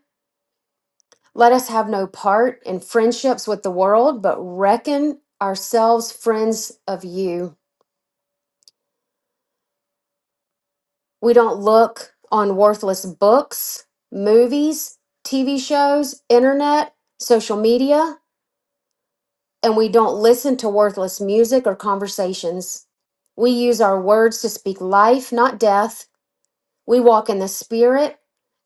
Let us have no part in friendships with the world, but reckon ourselves friends of you. We don't look on worthless books, movies, TV shows, internet, social media, and we don't listen to worthless music or conversations. We use our words to speak life, not death. We walk in the Spirit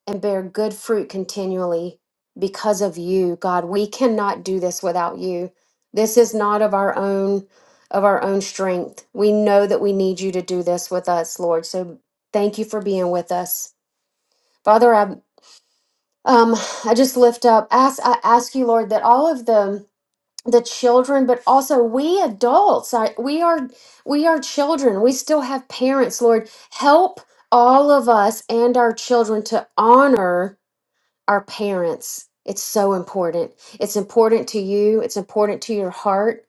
and bear good fruit continually because of you, God. We cannot do this without you. This is not of our own of our own strength. We know that we need you to do this with us, Lord. So thank you for being with us. Father, I um I just lift up ask I ask you, Lord, that all of the the children, but also we adults, I, we are we are children. We still have parents, Lord. Help all of us and our children to honor our parents. It's so important. It's important to you. It's important to your heart,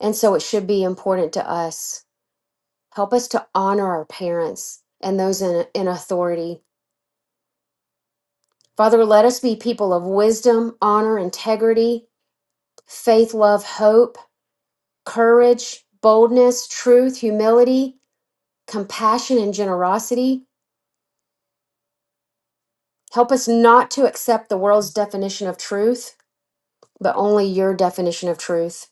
and so it should be important to us. Help us to honor our parents and those in in authority Father, let us be people of wisdom, honor, integrity, faith, love, hope, courage, boldness, truth, humility, compassion, and generosity. Help us not to accept the world's definition of truth, but only your definition of truth.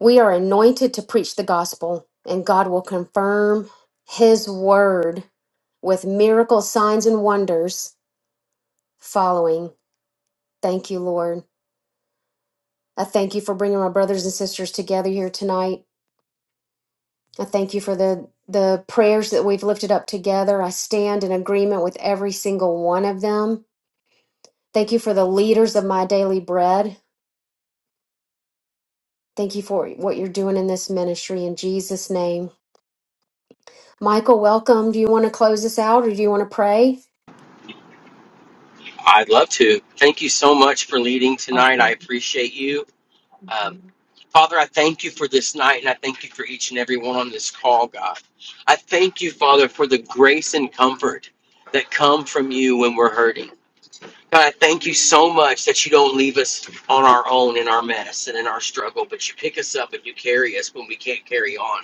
We are anointed to preach the gospel, and God will confirm his word with miracle signs and wonders following. Thank you, Lord. I thank you for bringing my brothers and sisters together here tonight. I thank you for the the prayers that we've lifted up together. I stand in agreement with every single one of them. Thank you for the leaders of my daily bread. Thank you for what you're doing in this ministry in Jesus' name. Michael, welcome. Do you want to close us out or do you want to pray? I'd love to. Thank you so much for leading tonight. I Awesome. appreciate you. Um, Father, I thank you for this night, and I thank you for each and every one on this call, God. I thank you, Father, for the grace and comfort that come from you when we're hurting. God, I thank you so much that you don't leave us on our own in our mess and in our struggle, but you pick us up and you carry us when we can't carry on.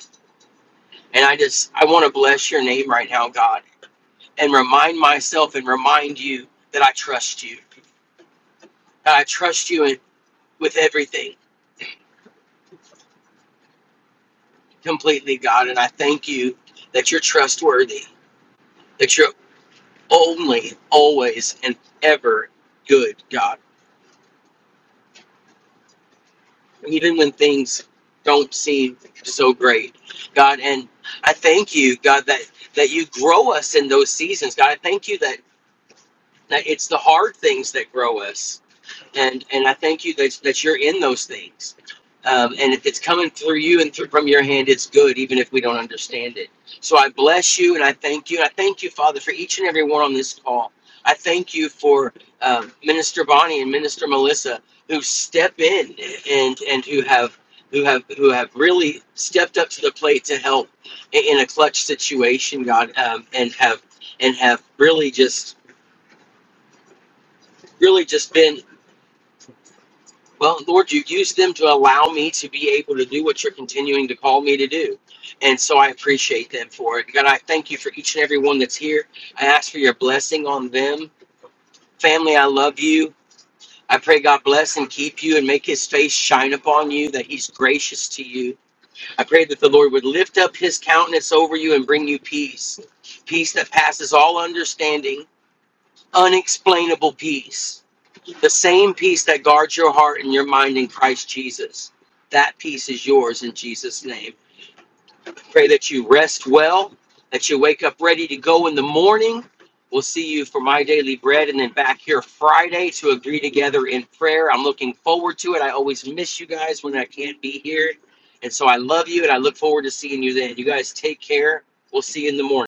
And I just, I want to bless your name right now, God, and remind myself and remind you that I trust you. That I trust you in, with everything completely, God, and I thank you that you're trustworthy that you're only, always, and ever good, God. Even when things don't seem so great, God. And I thank you, God, that that you grow us in those seasons, God. I thank you that that it's the hard things that grow us. and and I thank you that that you're in those things. Um, and if it's coming through you and through, from your hand, it's good, even if we don't understand it. So I bless you and I thank you. And I thank you, Father, for each and every one on this call. I thank you for um, Minister Bonnie and Minister Melissa who step in and and who have who have who have really stepped up to the plate to help in, in a clutch situation, God, um, and have and have really just really just been Well, Lord, you use them to allow me to be able to do what you're continuing to call me to do. And so I appreciate them for it. God, I thank you for each and every one that's here. I ask for your blessing on them. Family, I love you. I pray God bless and keep you and make his face shine upon you, that he's gracious to you. I pray that the Lord would lift up his countenance over you and bring you peace. Peace that passes all understanding, unexplainable peace. The same peace that guards your heart and your mind in Christ Jesus. That peace is yours in Jesus' name. Pray that you rest well, that you wake up ready to go in the morning. We'll see you for my daily bread and then back here Friday to agree together in prayer. I'm looking forward to it. I always miss you guys when I can't be here. And so I love you and I look forward to seeing you then. You guys take care. We'll see you in the morning.